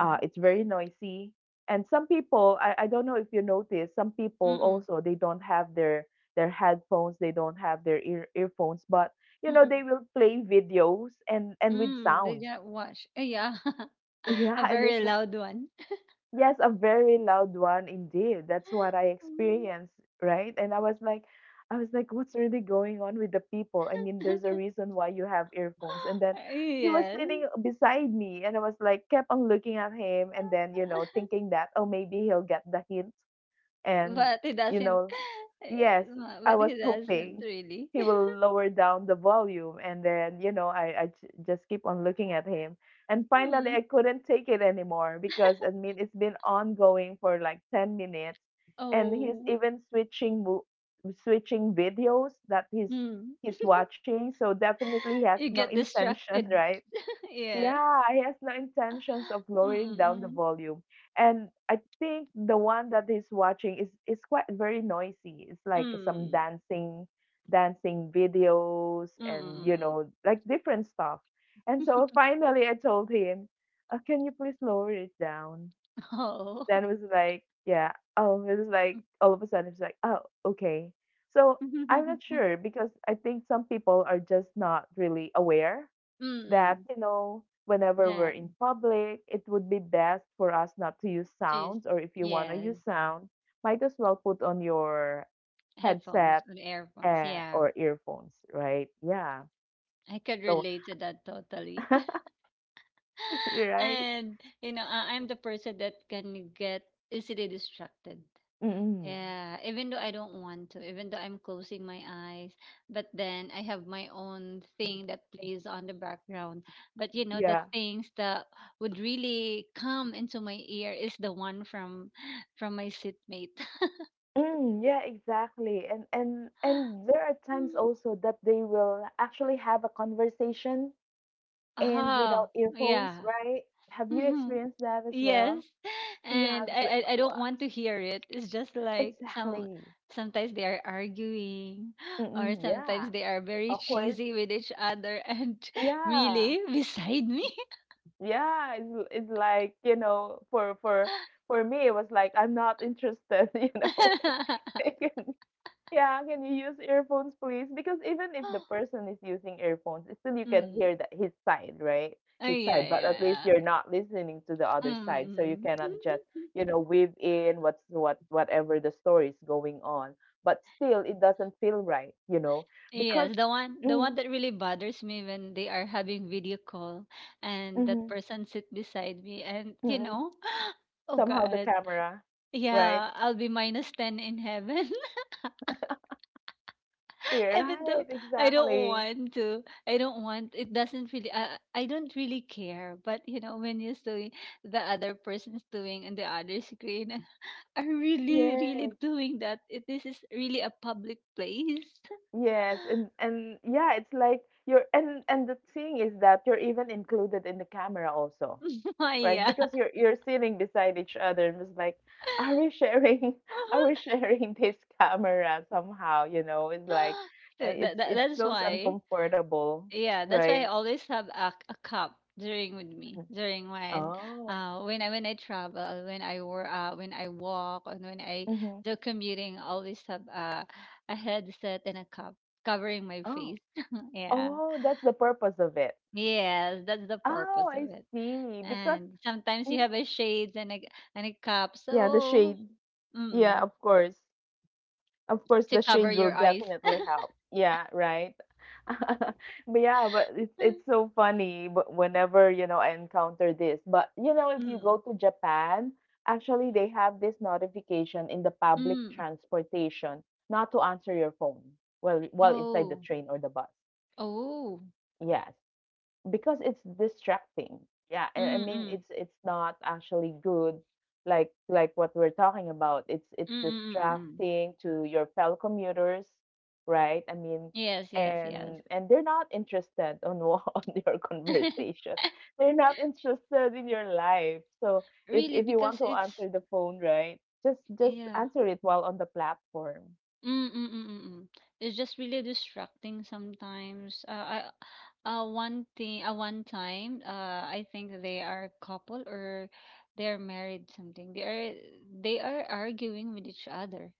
Speaker 1: uh, it's very noisy. And some people, I, I don't know if you notice, some people
Speaker 2: Mm. Mm.
Speaker 1: also they don't have their their headphones, they don't have their ear earphones, but you know they
Speaker 2: Mm.
Speaker 1: will play videos and and with
Speaker 2: Mm. They
Speaker 1: sound.
Speaker 2: didn't
Speaker 1: *laughs*
Speaker 2: watch. Eh, yeah. *laughs*
Speaker 1: Yeah,
Speaker 2: A
Speaker 1: and it's
Speaker 2: very
Speaker 1: like
Speaker 2: loud one. *laughs*
Speaker 1: yes, a very loud one indeed. That's what I
Speaker 2: Mm.
Speaker 1: experienced, right? And I was like, I was like, what's really going on with the people? I mean, there's a
Speaker 2: *laughs*
Speaker 1: reason why you have earphones. And then he was
Speaker 2: Yes.
Speaker 1: sitting beside me, and I was like, kept on looking at him, and then, you know,
Speaker 2: *laughs*
Speaker 1: thinking that, oh, maybe he'll get the hint and,
Speaker 2: But he
Speaker 1: you
Speaker 2: doesn't.
Speaker 1: know, yes,
Speaker 2: *laughs*
Speaker 1: I
Speaker 2: But
Speaker 1: was
Speaker 2: he doesn't
Speaker 1: hoping
Speaker 2: really.
Speaker 1: he will lower down the volume, and then, you know, I, I j- just keep on looking at him. And
Speaker 2: *laughs*
Speaker 1: finally,
Speaker 2: Mm.
Speaker 1: I couldn't take it anymore because, I mean, it's been ongoing for like ten minutes, and he's
Speaker 2: Oh.
Speaker 1: even switching mo- switching videos that he's
Speaker 2: Mm.
Speaker 1: he's watching. So definitely he has
Speaker 2: You
Speaker 1: no
Speaker 2: get
Speaker 1: intention, *laughs*
Speaker 2: distracted.
Speaker 1: right?
Speaker 2: *laughs* Yeah.
Speaker 1: Yeah, he has no intentions of
Speaker 2: Mm,
Speaker 1: lowering
Speaker 2: mm,
Speaker 1: down the
Speaker 2: mm.
Speaker 1: volume. And I think the one that he's watching is is quite very noisy. It's like some dancing dancing videos
Speaker 2: Mm, mm,
Speaker 1: and you
Speaker 2: mm.
Speaker 1: know, like different stuff. And so finally I told him, uh, can you please lower it down?
Speaker 2: Oh.
Speaker 1: Then it was like, yeah. Oh, it was like all of a sudden it's like, oh, okay. So I'm not
Speaker 2: *laughs*
Speaker 1: sure because I think some people are just not really aware that,
Speaker 2: Mm.
Speaker 1: you know, whenever we're in
Speaker 2: Damn.
Speaker 1: public, it would be best for us not to use
Speaker 2: Jeez.
Speaker 1: sounds, or if you want to
Speaker 2: Yeah.
Speaker 1: use sound, might as well put on your
Speaker 2: Headphones
Speaker 1: headset,
Speaker 2: or earphones.
Speaker 1: uh,
Speaker 2: Yeah.
Speaker 1: or earphones, right? Yeah.
Speaker 2: I could
Speaker 1: So,
Speaker 2: relate to that totally.
Speaker 1: *laughs*
Speaker 2: *laughs*
Speaker 1: right?
Speaker 2: And, you know, I- I'm the person that can get easily distracted.
Speaker 1: Mm,
Speaker 2: Yeah, even though I don't want to, even though I'm closing my eyes, but then I have my own thing that plays on the background. But you know, the
Speaker 1: yeah.
Speaker 2: things that would really come into my ear is the one from from my seatmate. *laughs*
Speaker 1: Mm, yeah, exactly. And and and there are times
Speaker 2: Mm.
Speaker 1: also that they will actually have a conversation and
Speaker 2: Ah,
Speaker 1: without earphones,
Speaker 2: yeah.
Speaker 1: right? Have you
Speaker 2: *laughs*
Speaker 1: experienced that as well?
Speaker 2: Yes. *laughs*
Speaker 1: Yeah, I
Speaker 2: And
Speaker 1: was like,
Speaker 2: I, I I don't
Speaker 1: what?
Speaker 2: want to hear it. It's just like some
Speaker 1: Exactly.
Speaker 2: sometimes they are arguing, *gasps* or
Speaker 1: Mm, yeah,
Speaker 2: sometimes they are very
Speaker 1: awkward.
Speaker 2: cheesy with each other and *laughs*
Speaker 1: Yeah,
Speaker 2: really beside me.
Speaker 1: yeah. It's l- it's like you know, for for for me, it was like I'm not interested. *laughs* You know, *laughs* I
Speaker 2: *laughs*
Speaker 1: Can- yeah. Can you use earphones, please? Because even if the person is using earphones, still you can
Speaker 2: Mm.
Speaker 1: hear that his side, right?
Speaker 2: Oh
Speaker 1: His
Speaker 2: yeah,
Speaker 1: side, but
Speaker 2: yeah,
Speaker 1: at least
Speaker 2: yeah.
Speaker 1: you're not listening to the other side, so you
Speaker 2: Mm.
Speaker 1: cannot just
Speaker 2: *laughs*
Speaker 1: you know weave in what's what whatever the story is going on. But still, it doesn't feel right, you know, because.
Speaker 2: Yes,
Speaker 1: *clears throat*
Speaker 2: the one the one
Speaker 1: Mm-hmm,
Speaker 2: that really bothers me when they are having video call, and that
Speaker 1: mm-hmm.
Speaker 2: person sit beside me, and you
Speaker 1: Mm.
Speaker 2: know, *gasps* oh
Speaker 1: Somehow the
Speaker 2: God.
Speaker 1: camera, right?
Speaker 2: Yeah, I'll be minus ten in heaven.
Speaker 1: Yeah,
Speaker 2: Even though
Speaker 1: right,
Speaker 2: I don't
Speaker 1: exactly.
Speaker 2: want to, I don't want. It doesn't really. I I don't really care. But you know, when you see the other person is doing on the other screen, and *laughs* are really, really
Speaker 1: Yes,
Speaker 2: doing that. It, this is really a public place,
Speaker 1: yes, and and yeah, it's like you're and and the thing is that you're even included in the camera also,
Speaker 2: *laughs*
Speaker 1: right?
Speaker 2: Maya.
Speaker 1: Because you're you're sitting beside each other and it's like, *laughs* are we
Speaker 2: *laughs*
Speaker 1: sharing? *laughs* Are we sharing this camera somehow? You know, it's like uh,
Speaker 2: So *gasps*
Speaker 1: it's
Speaker 2: that, that
Speaker 1: it
Speaker 2: that's
Speaker 1: feels
Speaker 2: why.
Speaker 1: uncomfortable,
Speaker 2: Yeah, that's why I
Speaker 1: right?
Speaker 2: always have a, a cup during with me
Speaker 1: Mhm.
Speaker 2: during when
Speaker 1: Oh,
Speaker 2: uh when I when I travel, when I work, uh, when I walk, and when I
Speaker 1: mm-hmm.
Speaker 2: do commuting, I always have a a headset and a cup covering my
Speaker 1: Oh,
Speaker 2: face. *laughs* Yeah,
Speaker 1: oh, that's the purpose of it.
Speaker 2: yes, that's the
Speaker 1: Oh,
Speaker 2: purpose of
Speaker 1: I
Speaker 2: it.
Speaker 1: see. Because
Speaker 2: And sometimes
Speaker 1: mm,
Speaker 2: you have a shades and a and a cup,
Speaker 1: yeah, the
Speaker 2: so
Speaker 1: shade. Yeah,
Speaker 2: mm,
Speaker 1: of course. Of course,
Speaker 2: to
Speaker 1: the
Speaker 2: cover
Speaker 1: shade will
Speaker 2: your eyes.
Speaker 1: definitely help. Yeah, right. *laughs* But yeah, but it's it's
Speaker 2: *laughs*
Speaker 1: so funny. But whenever, you know, I encounter this, but you know, if you go
Speaker 2: Mm,
Speaker 1: to Japan, actually they have this notification in the public
Speaker 2: mm.
Speaker 1: transportation not to answer your phone while while inside the
Speaker 2: Oh,
Speaker 1: train or the bus.
Speaker 2: oh,
Speaker 1: Yes. Because it's distracting. Yeah, I, I
Speaker 2: mm,
Speaker 1: mean
Speaker 2: mm,
Speaker 1: it's it's not actually good like like what we're talking about. It's it's
Speaker 2: mm, mm, mm. Mm. Mm.
Speaker 1: distracting to your fellow commuters, right? I mean
Speaker 2: Yes, yes, yes.
Speaker 1: and and they're not interested on wha- *laughs* on your
Speaker 2: *laughs*
Speaker 1: conversation. They're not interested in your life. So if
Speaker 2: Really,
Speaker 1: if you
Speaker 2: because
Speaker 1: want to
Speaker 2: it's
Speaker 1: answer the phone, right? Just just
Speaker 2: yeah.
Speaker 1: answer it while on the platform.
Speaker 2: Mm, mm, mm, mm, mm. It's just really distracting sometimes. Uh, I, uh, one thing, uh, one time, uh, I think they are couple or they're married something. They are they are arguing with each other.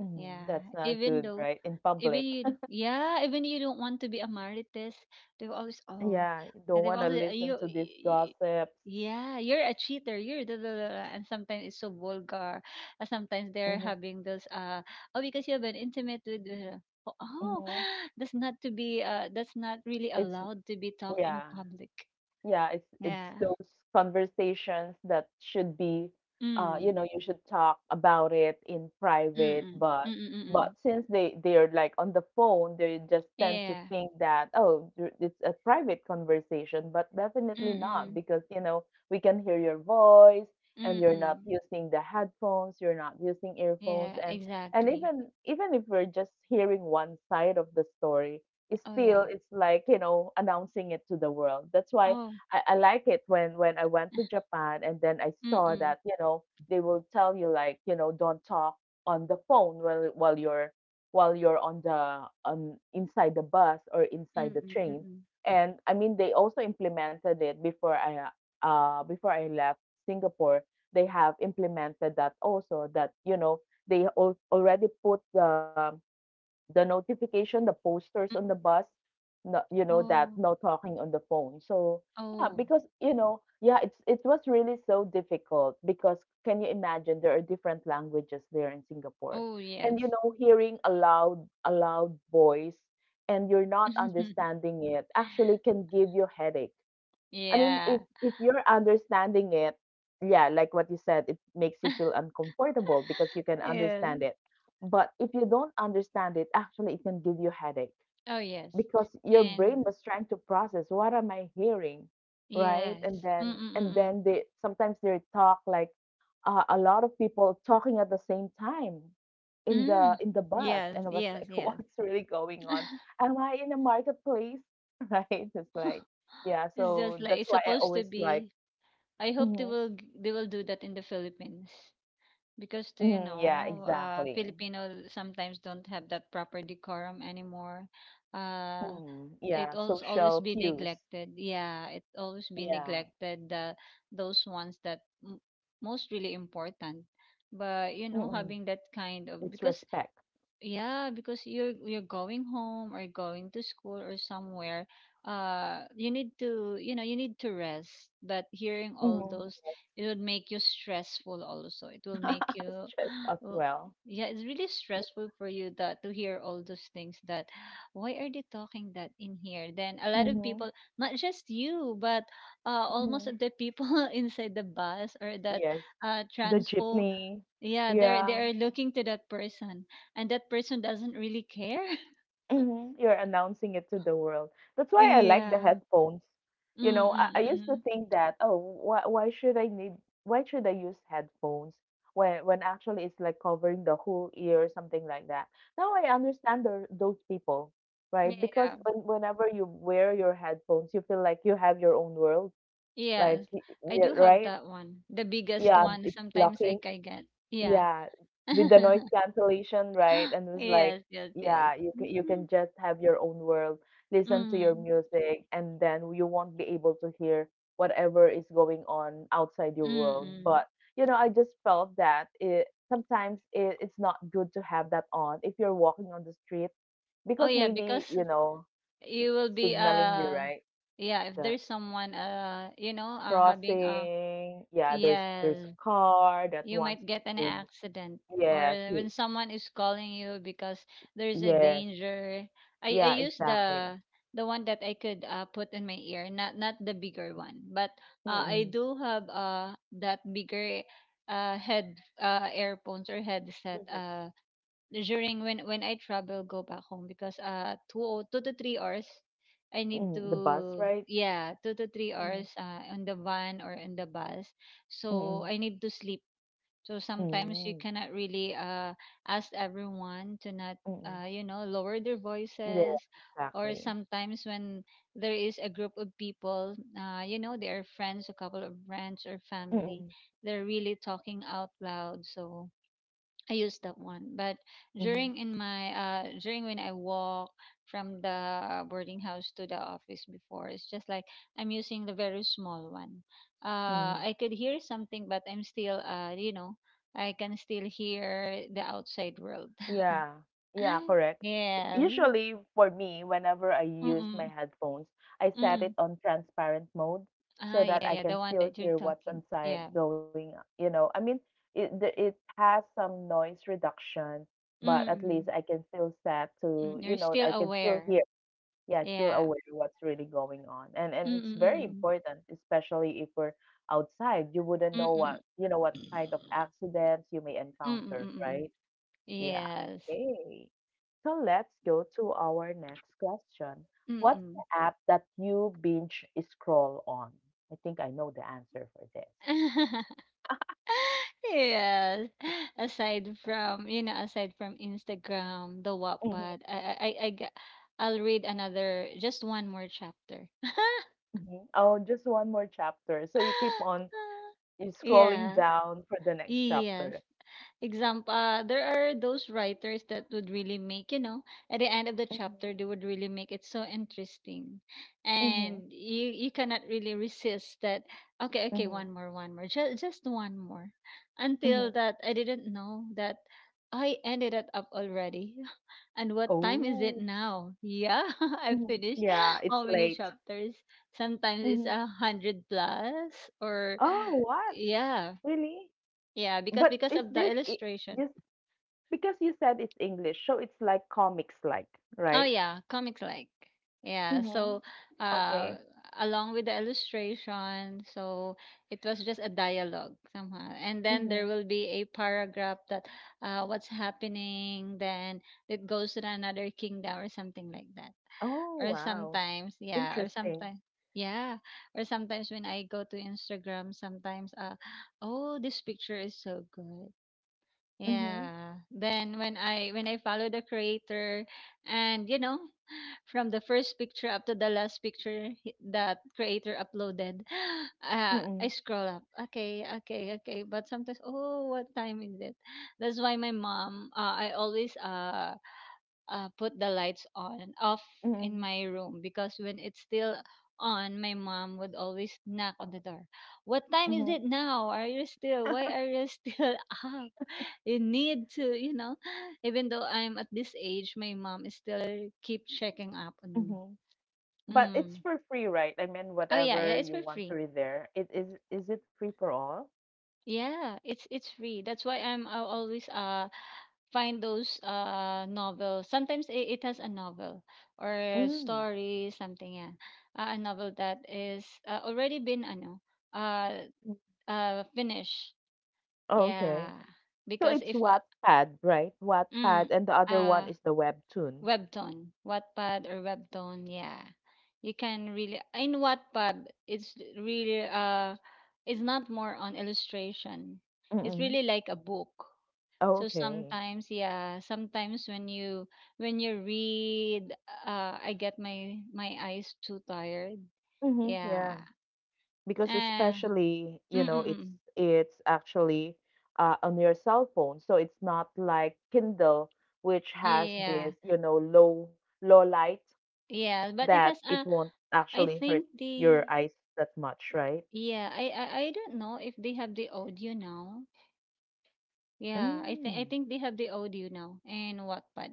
Speaker 1: Mhm,
Speaker 2: Yeah,
Speaker 1: that's not
Speaker 2: even
Speaker 1: good,
Speaker 2: though
Speaker 1: right? In
Speaker 2: Even
Speaker 1: public.
Speaker 2: you d
Speaker 1: *laughs*
Speaker 2: yeah, even you don't want to be a Marites, they have always, "Oh,"
Speaker 1: Yeah, you
Speaker 2: and
Speaker 1: don't
Speaker 2: they have
Speaker 1: want to
Speaker 2: always, "Uh,
Speaker 1: listen
Speaker 2: you,
Speaker 1: to these
Speaker 2: y-
Speaker 1: gossips.
Speaker 2: yeah, you're a cheater, you're da, da, da, da," and sometimes it's so vulgar. Uh, Sometimes they're
Speaker 1: Mhm,
Speaker 2: having those, uh, "Oh, because you have been intimate with," uh, oh, oh,
Speaker 1: mhm.
Speaker 2: *gasps* that's not to be, uh, that's not really
Speaker 1: It's
Speaker 2: allowed to be talked in
Speaker 1: yeah.
Speaker 2: public.
Speaker 1: Yeah, it's it's
Speaker 2: Yeah.
Speaker 1: those conversations that should be, uh, you
Speaker 2: Mm.
Speaker 1: know, you should talk about it in private,
Speaker 2: Mm-mm.
Speaker 1: but
Speaker 2: Mm-mm-mm.
Speaker 1: but since they they're like on the phone, they just tend to
Speaker 2: Yeah.
Speaker 1: think that oh, you're- it's a private conversation, but definitely not
Speaker 2: Mm-mm.
Speaker 1: because you know we can hear your voice and you're not
Speaker 2: Mm-mm.
Speaker 1: using the headphones, you're not using earphones,
Speaker 2: Yeah,
Speaker 1: and and
Speaker 2: exactly.
Speaker 1: even even if we're just hearing one side of the story, it's
Speaker 2: Oh,
Speaker 1: still
Speaker 2: yeah.
Speaker 1: it's like you know announcing it to the world. That's why
Speaker 2: Oh.
Speaker 1: I, I like it when when I went to
Speaker 2: *laughs*
Speaker 1: Japan and then I saw
Speaker 2: Mm-mm.
Speaker 1: that you know they will tell you like you know don't talk on the phone while while you're while you're on the on inside the bus or
Speaker 2: Mm,
Speaker 1: inside the
Speaker 2: mm,
Speaker 1: train
Speaker 2: mm.
Speaker 1: and I mean they also implemented it before I uh uh, before I left Singapore. They have implemented that also that you know they al- already put the the notification, the posters on the
Speaker 2: Mm.
Speaker 1: bus, no, you know, that
Speaker 2: Oh,
Speaker 1: no talking on the phone. So yeah,
Speaker 2: oh,
Speaker 1: because you know, yeah, it's it was really so difficult because can you imagine there are different languages there in Singapore,
Speaker 2: oh,
Speaker 1: and you
Speaker 2: yes.
Speaker 1: know, hearing a loud a loud voice and you're not
Speaker 2: *laughs*
Speaker 1: understanding it actually can give you headache. I mean, if
Speaker 2: Yeah.
Speaker 1: if you're understanding it, yeah, like what you said, it makes you feel
Speaker 2: *laughs*
Speaker 1: uncomfortable because you can
Speaker 2: Yeah.
Speaker 1: understand it. But if you don't understand it, actually it can give you headache
Speaker 2: Oh, yes.
Speaker 1: because your brain
Speaker 2: And
Speaker 1: was trying to process what am I hearing, right? And
Speaker 2: yes.
Speaker 1: then
Speaker 2: Mm, mm, mm,
Speaker 1: and
Speaker 2: mm.
Speaker 1: then they sometimes they talk like, uh, a lot of people talking at the same time in the
Speaker 2: Mm.
Speaker 1: in the bus,
Speaker 2: Yes,
Speaker 1: and I was
Speaker 2: yes,
Speaker 1: like, *laughs*
Speaker 2: yes.
Speaker 1: what's really going on? Am I in a marketplace, *laughs* right? It's like
Speaker 2: *laughs*
Speaker 1: yeah,
Speaker 2: It's just
Speaker 1: so
Speaker 2: like
Speaker 1: that's
Speaker 2: it's
Speaker 1: why I
Speaker 2: supposed to
Speaker 1: always like
Speaker 2: be. I hope they
Speaker 1: hmm.
Speaker 2: will g- they will do that in the Philippines, because do you
Speaker 1: Hmm, yeah,
Speaker 2: know, uh,
Speaker 1: exactly.
Speaker 2: Filipino sometimes don't have that proper decorum anymore. Uh,
Speaker 1: Mm, yeah,
Speaker 2: it always
Speaker 1: social
Speaker 2: always be
Speaker 1: cues.
Speaker 2: neglected, yeah, it always be
Speaker 1: Yeah.
Speaker 2: neglected, the those ones that m- most really important. But you know,
Speaker 1: Mm-mm.
Speaker 2: having that kind of
Speaker 1: It's
Speaker 2: because
Speaker 1: respect.
Speaker 2: yeah, because you're you're going home or going to school or somewhere, uh, you need to, you know, you need to rest. But hearing all
Speaker 1: Mhm.
Speaker 2: those, it would make you stressful also. It will make
Speaker 1: *laughs*
Speaker 2: you,
Speaker 1: Stress as
Speaker 2: *gasps* oh,
Speaker 1: well.
Speaker 2: yeah, it's really stressful for you that to hear all those things that *gasps* why are they talking that in here? Then a lot of
Speaker 1: Mhm.
Speaker 2: people, not just you, but uh,
Speaker 1: Mhm.
Speaker 2: almost of the people *laughs* inside the bus or that
Speaker 1: Yes,
Speaker 2: uh,
Speaker 1: the
Speaker 2: transpo,
Speaker 1: jeepney.
Speaker 2: yeah, they're
Speaker 1: Yeah,
Speaker 2: they're looking to that person, and that person doesn't really care. *laughs*
Speaker 1: mhm, you're announcing it to the world. That's why I like the
Speaker 2: Yeah.
Speaker 1: headphones.
Speaker 2: Mm,
Speaker 1: You know,
Speaker 2: mm,
Speaker 1: I, I
Speaker 2: mm.
Speaker 1: used to
Speaker 2: Mm.
Speaker 1: think that, oh, why why should I need why should I use headphones when when actually it's like covering the whole ear or something like that. Now I understand the, those people, right? Because
Speaker 2: Yeah.
Speaker 1: when, whenever you wear your headphones, you feel like you have your own world. Like,
Speaker 2: Yes.
Speaker 1: y
Speaker 2: I
Speaker 1: Yeah,
Speaker 2: do have
Speaker 1: right?
Speaker 2: that one. The biggest
Speaker 1: Yeah,
Speaker 2: one
Speaker 1: it's
Speaker 2: sometimes I
Speaker 1: blocking.
Speaker 2: can get. Yeah.
Speaker 1: Yeah,
Speaker 2: *laughs*
Speaker 1: with the noise cancellation, right? And it was like,
Speaker 2: Yes, yes, yes.
Speaker 1: yeah, you can you can
Speaker 2: Mhm.
Speaker 1: just have your own world, listen to your
Speaker 2: Mm.
Speaker 1: music, and then you won't be able to hear whatever is going on outside your world.
Speaker 2: Mm-mm.
Speaker 1: But you know, I just felt that it sometimes it, it's not good to have that on if you're walking on the street
Speaker 2: Oh
Speaker 1: because
Speaker 2: yeah,
Speaker 1: maybe,
Speaker 2: because
Speaker 1: you know,
Speaker 2: you will be
Speaker 1: signaling you,
Speaker 2: uh
Speaker 1: right?
Speaker 2: yeah, if
Speaker 1: The
Speaker 2: there's someone uh you know uh having a
Speaker 1: crossing. Yeah, there's there's
Speaker 2: yes,
Speaker 1: a car that
Speaker 2: you
Speaker 1: wants
Speaker 2: might get an
Speaker 1: to.
Speaker 2: accident, or
Speaker 1: Yes, you.
Speaker 2: when someone is calling you because there's a
Speaker 1: Yes.
Speaker 2: danger. I i
Speaker 1: Yeah,
Speaker 2: use
Speaker 1: exactly.
Speaker 2: the the one that I could uh, put in my ear, not not the bigger one, but uh, i
Speaker 1: Mm-mm.
Speaker 2: do have uh that bigger uh head uh earphones or headset
Speaker 1: Mm-mm.
Speaker 2: uh during when when I travel, go back home, because uh two o- two to three hours I need
Speaker 1: Mm, the bus,
Speaker 2: to,
Speaker 1: right?
Speaker 2: yeah, two to three
Speaker 1: Mm-mm.
Speaker 2: hours uh on the van or in the bus, so
Speaker 1: Mm-mm.
Speaker 2: I need to sleep. So sometimes you
Speaker 1: Mm-mm.
Speaker 2: cannot really uh, ask everyone to not,
Speaker 1: Mm-mm.
Speaker 2: uh, you know, lower their
Speaker 1: Yeah,
Speaker 2: voices. Or
Speaker 1: exactly.
Speaker 2: sometimes when there is a group of people, uh, you know, they are friends, a couple of friends or family,
Speaker 1: Mm-mm.
Speaker 2: they're really talking out loud. So I used that one. But
Speaker 1: Mm-hmm.
Speaker 2: during in my uh during when I walk from the uh, boarding house to the office before, it's just like I'm using the very small one. Uh
Speaker 1: Mm-hmm.
Speaker 2: I could hear something, but I'm still, uh you know, I can still hear the outside world.
Speaker 1: Yeah, yeah,
Speaker 2: *laughs*
Speaker 1: correct.
Speaker 2: Yes.
Speaker 1: Usually for me, whenever I use my
Speaker 2: Mm-mm.
Speaker 1: headphones, I set it
Speaker 2: Mm-mm.
Speaker 1: on transparent mode so
Speaker 2: Ah
Speaker 1: that
Speaker 2: yeah,
Speaker 1: I
Speaker 2: yeah,
Speaker 1: can
Speaker 2: the one
Speaker 1: still
Speaker 2: that you're
Speaker 1: hear what's
Speaker 2: talking.
Speaker 1: inside
Speaker 2: Yeah.
Speaker 1: going, you know. I mean, it the- it has some noise reduction, but at least
Speaker 2: Mm-mm.
Speaker 1: I can still set to,
Speaker 2: Mm,
Speaker 1: you
Speaker 2: you're
Speaker 1: know,
Speaker 2: still
Speaker 1: I can still
Speaker 2: aware.
Speaker 1: hear. Yeah, still
Speaker 2: Yeah.
Speaker 1: aware what's really going on. And and it's very
Speaker 2: Mm-mm.
Speaker 1: important, especially if we're outside. You wouldn't know
Speaker 2: Mm-mm.
Speaker 1: what, you know, what kind of
Speaker 2: Mm-mm.
Speaker 1: accidents you may encounter,
Speaker 2: Mm-mm.
Speaker 1: right? Yeah,
Speaker 2: Yes.
Speaker 1: okay. So let's go to our next question. What's
Speaker 2: Mm-mm.
Speaker 1: the app that you binge scroll on? I think I know the answer for this.
Speaker 2: *laughs* Yes. Aside from, you know, aside from Instagram, the
Speaker 1: Mhm.
Speaker 2: Wattpad, I I I I g- I'll read another just one more chapter. *laughs*
Speaker 1: Mhm. Oh, just one more chapter. So you keep on you scrolling
Speaker 2: Yeah.
Speaker 1: down for the next
Speaker 2: Yes.
Speaker 1: chapter.
Speaker 2: Example, uh, there are those writers that would really make, you know, at the end of the
Speaker 1: Mhm,
Speaker 2: chapter they would really make it so interesting,
Speaker 1: mhm,
Speaker 2: and you you cannot really resist that. Okay, okay, one
Speaker 1: mhm,
Speaker 2: more, one more, just just one more, until
Speaker 1: mhm,
Speaker 2: that I didn't know that I ended it up already. *laughs* And what time is it
Speaker 1: oh,
Speaker 2: now? Yeah. *laughs* I
Speaker 1: mhm.
Speaker 2: finished,
Speaker 1: Yeah,
Speaker 2: *gasps*
Speaker 1: it's
Speaker 2: how many
Speaker 1: late.
Speaker 2: chapters. Sometimes it's
Speaker 1: Mhm.
Speaker 2: a hundred plus, or
Speaker 1: Oh, what?
Speaker 2: yeah,
Speaker 1: Really?
Speaker 2: yeah, because
Speaker 1: But
Speaker 2: because
Speaker 1: is
Speaker 2: of the
Speaker 1: this i-
Speaker 2: illustration.
Speaker 1: this? Because you said it's English, so it's like comics like,
Speaker 2: Oh
Speaker 1: right?
Speaker 2: yeah, comic like. Yeah,
Speaker 1: Mm-hmm.
Speaker 2: so uh
Speaker 1: Okay.
Speaker 2: along with the illustration, so it was just a dialogue somehow. And then
Speaker 1: Mm-hmm.
Speaker 2: there will be a paragraph that uh what's happening, then it goes to another kingdom or something like that.
Speaker 1: Oh,
Speaker 2: Or
Speaker 1: wow.
Speaker 2: sometimes, yeah, or
Speaker 1: Interesting.
Speaker 2: sometimes yeah, or sometimes when I go to Instagram, sometimes uh oh, this picture is so good.
Speaker 1: Mm-hmm.
Speaker 2: Yeah. Then when I when I follow the creator, and you know from the first picture up to the last picture he- that creator uploaded. *gasps* uh, I
Speaker 1: Mm-mm.
Speaker 2: scroll up. Okay, okay, okay. But sometimes, oh, what time is it? That's why my mom, uh, I always, uh, uh put the lights on and off in
Speaker 1: Mm-mm.
Speaker 2: my room, because when it's still on, my mom would always knock on the door. What time is it
Speaker 1: Mm-hmm.
Speaker 2: now? Are you still, why are you still *laughs* up? You need to you know Even though I'm at this age, my mom is still keep checking up on me.
Speaker 1: Mm-hmm. But it's
Speaker 2: Mm.
Speaker 1: for free, right? I mean,
Speaker 2: Oh yeah, yeah,
Speaker 1: whatever
Speaker 2: it's
Speaker 1: you
Speaker 2: for
Speaker 1: want to
Speaker 2: free.
Speaker 1: read there. It is is it free for all?
Speaker 2: Yeah, it's it's free. That's why I'm I always uh find those uh novels. Sometimes it, it has a novel or a
Speaker 1: Mm.
Speaker 2: story, something, yeah. Uh, a novel that is, uh, already been ano uh
Speaker 1: Mm.
Speaker 2: uh finished.
Speaker 1: Okay.
Speaker 2: Yeah.
Speaker 1: So
Speaker 2: Because
Speaker 1: it's
Speaker 2: if, uh,
Speaker 1: Wattpad, right?
Speaker 2: mm,
Speaker 1: Wattpad, and the other one
Speaker 2: uh
Speaker 1: is the webtoon.
Speaker 2: Webtoon, Wattpad, or Webtoon, yeah. You can really, in Wattpad, it's really, uh, it's not more on illustration. It's
Speaker 1: Mm-mm.
Speaker 2: really like a book. So
Speaker 1: Okay.
Speaker 2: sometimes, yeah, sometimes when you when you read, uh, I get my my eyes too tired.
Speaker 1: Mm-hmm. Yeah.
Speaker 2: Yeah.
Speaker 1: Because
Speaker 2: Uh,
Speaker 1: especially you know it's
Speaker 2: mm-mm.
Speaker 1: it's actually, uh, on your cell phone so it's not like kindle which has
Speaker 2: Yeah.
Speaker 1: this you know low low light
Speaker 2: Yeah,
Speaker 1: that
Speaker 2: but it
Speaker 1: it
Speaker 2: has,
Speaker 1: won't
Speaker 2: uh
Speaker 1: actually
Speaker 2: I
Speaker 1: hurt
Speaker 2: think
Speaker 1: your
Speaker 2: the,
Speaker 1: eyes that much, right?
Speaker 2: yeah, I, I I don't know if they have the audio now. Yeah, I
Speaker 1: Mm.
Speaker 2: think I think they have the audio now, and Wattpad.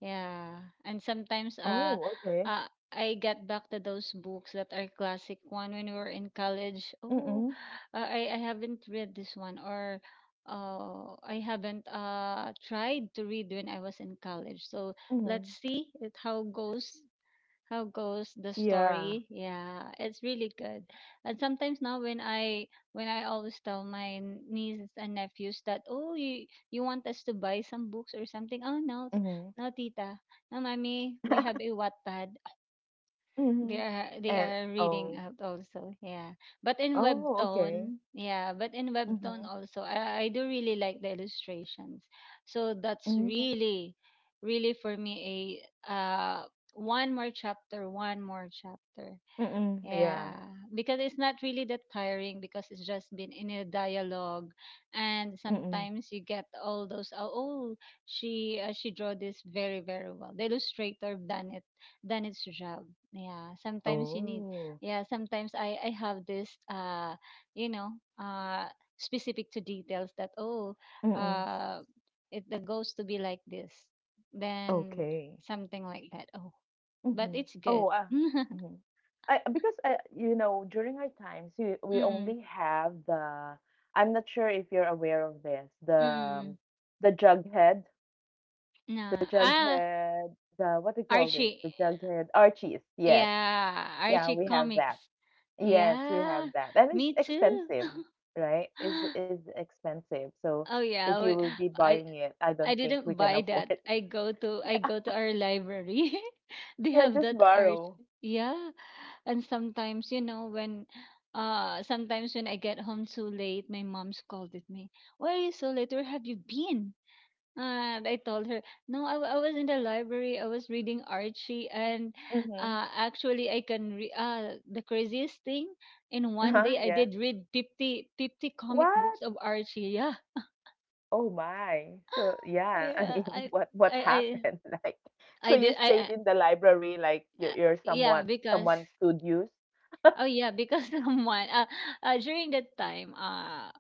Speaker 2: Yeah, and sometimes,
Speaker 1: Oh,
Speaker 2: uh,
Speaker 1: okay.
Speaker 2: uh I got back to those books that are classic one when we were in college.
Speaker 1: Mm-mm,
Speaker 2: Oh, uh, I I haven't read this one, or uh I haven't uh tried to read when I was in college. So
Speaker 1: mm-hmm.
Speaker 2: let's see it, how goes how goes the
Speaker 1: Yeah,
Speaker 2: story. Yeah, it's really good. And sometimes now when i when i always tell my n- nieces and nephews that, oh, you you want us to buy some books or something. Oh, no,
Speaker 1: mm-hmm.
Speaker 2: no tita, no mommy, we have
Speaker 1: *laughs*
Speaker 2: a Wattpad.
Speaker 1: Mm-hmm.
Speaker 2: they are
Speaker 1: And
Speaker 2: they are
Speaker 1: oh,
Speaker 2: reading out also, yeah. But in
Speaker 1: oh okay.
Speaker 2: Webtoon, yeah, but in
Speaker 1: Mm-hmm.
Speaker 2: Webtoon also, I, I do really like the illustrations. So that's
Speaker 1: Mm-hmm.
Speaker 2: really, really for me a uh one more chapter, one more chapter.
Speaker 1: Mm-mm, yeah.
Speaker 2: Yeah, because it's not really that tiring because it's just been in a dialogue, and
Speaker 1: Mm-mm.
Speaker 2: sometimes you get all those, oh, oh, she uh, she draw this very very well. The illustrator done it done its job. Yeah, sometimes you need,
Speaker 1: Oh.
Speaker 2: yeah, sometimes I I have this, uh you know uh specific to details that, oh,
Speaker 1: Mm-mm.
Speaker 2: uh it the goes to be like this, then
Speaker 1: Okay.
Speaker 2: something like that, oh. But
Speaker 1: Mhm.
Speaker 2: it's
Speaker 1: Oh,
Speaker 2: good.
Speaker 1: uh,
Speaker 2: *laughs*
Speaker 1: mhm. I because uh, you know during our times we we
Speaker 2: Mm, mm,
Speaker 1: only have the I'm not sure if you're aware of this the
Speaker 2: mm.
Speaker 1: um, the jughead
Speaker 2: No.
Speaker 1: the
Speaker 2: Ah,
Speaker 1: jughead, the what do you call this,
Speaker 2: Archie.
Speaker 1: the jughead, Archie's, yes.
Speaker 2: Yeah,
Speaker 1: Yeah,
Speaker 2: Archie
Speaker 1: we have that.
Speaker 2: comics.
Speaker 1: Yes, we
Speaker 2: Yeah,
Speaker 1: have that, and it's
Speaker 2: me too.
Speaker 1: expensive.
Speaker 2: *gasps*
Speaker 1: Right,
Speaker 2: *laughs*
Speaker 1: is is expensive. So
Speaker 2: Oh
Speaker 1: if
Speaker 2: yeah,
Speaker 1: you
Speaker 2: we-
Speaker 1: will be
Speaker 2: I
Speaker 1: buying it, I don't
Speaker 2: I
Speaker 1: think we
Speaker 2: didn't
Speaker 1: can
Speaker 2: buy
Speaker 1: afford.
Speaker 2: that.
Speaker 1: *laughs*
Speaker 2: I go to I go to our library. *laughs* They
Speaker 1: Yeah,
Speaker 2: have
Speaker 1: just
Speaker 2: that
Speaker 1: borrow.
Speaker 2: Archie. Yeah, and sometimes, you know when, uh sometimes when I get home too late, my mom scolded me. Why are you so late? Where have you been? Uh, I told her, no, I, w- I was in the library. I was reading Archie, and
Speaker 1: Mm-hmm.
Speaker 2: uh, actually, I can re- uh, the craziest thing, in one
Speaker 1: Uh-huh,
Speaker 2: day, I
Speaker 1: yeah.
Speaker 2: did read fifty fifty comic
Speaker 1: What?
Speaker 2: books of Archie. Yeah,
Speaker 1: Oh my. So
Speaker 2: *gasps* *laughs*
Speaker 1: yeah, I
Speaker 2: yeah,
Speaker 1: mean, *laughs*
Speaker 2: I,
Speaker 1: what what
Speaker 2: I, I,
Speaker 1: happened? *laughs* Like, so
Speaker 2: I
Speaker 1: you
Speaker 2: did. I,
Speaker 1: stayed
Speaker 2: I,
Speaker 1: in the library, like you're,
Speaker 2: I
Speaker 1: you're
Speaker 2: yeah,
Speaker 1: somewhat
Speaker 2: because,
Speaker 1: someone's studios.
Speaker 2: oh yeah, because, *laughs* someone, uh, uh during that time, uh,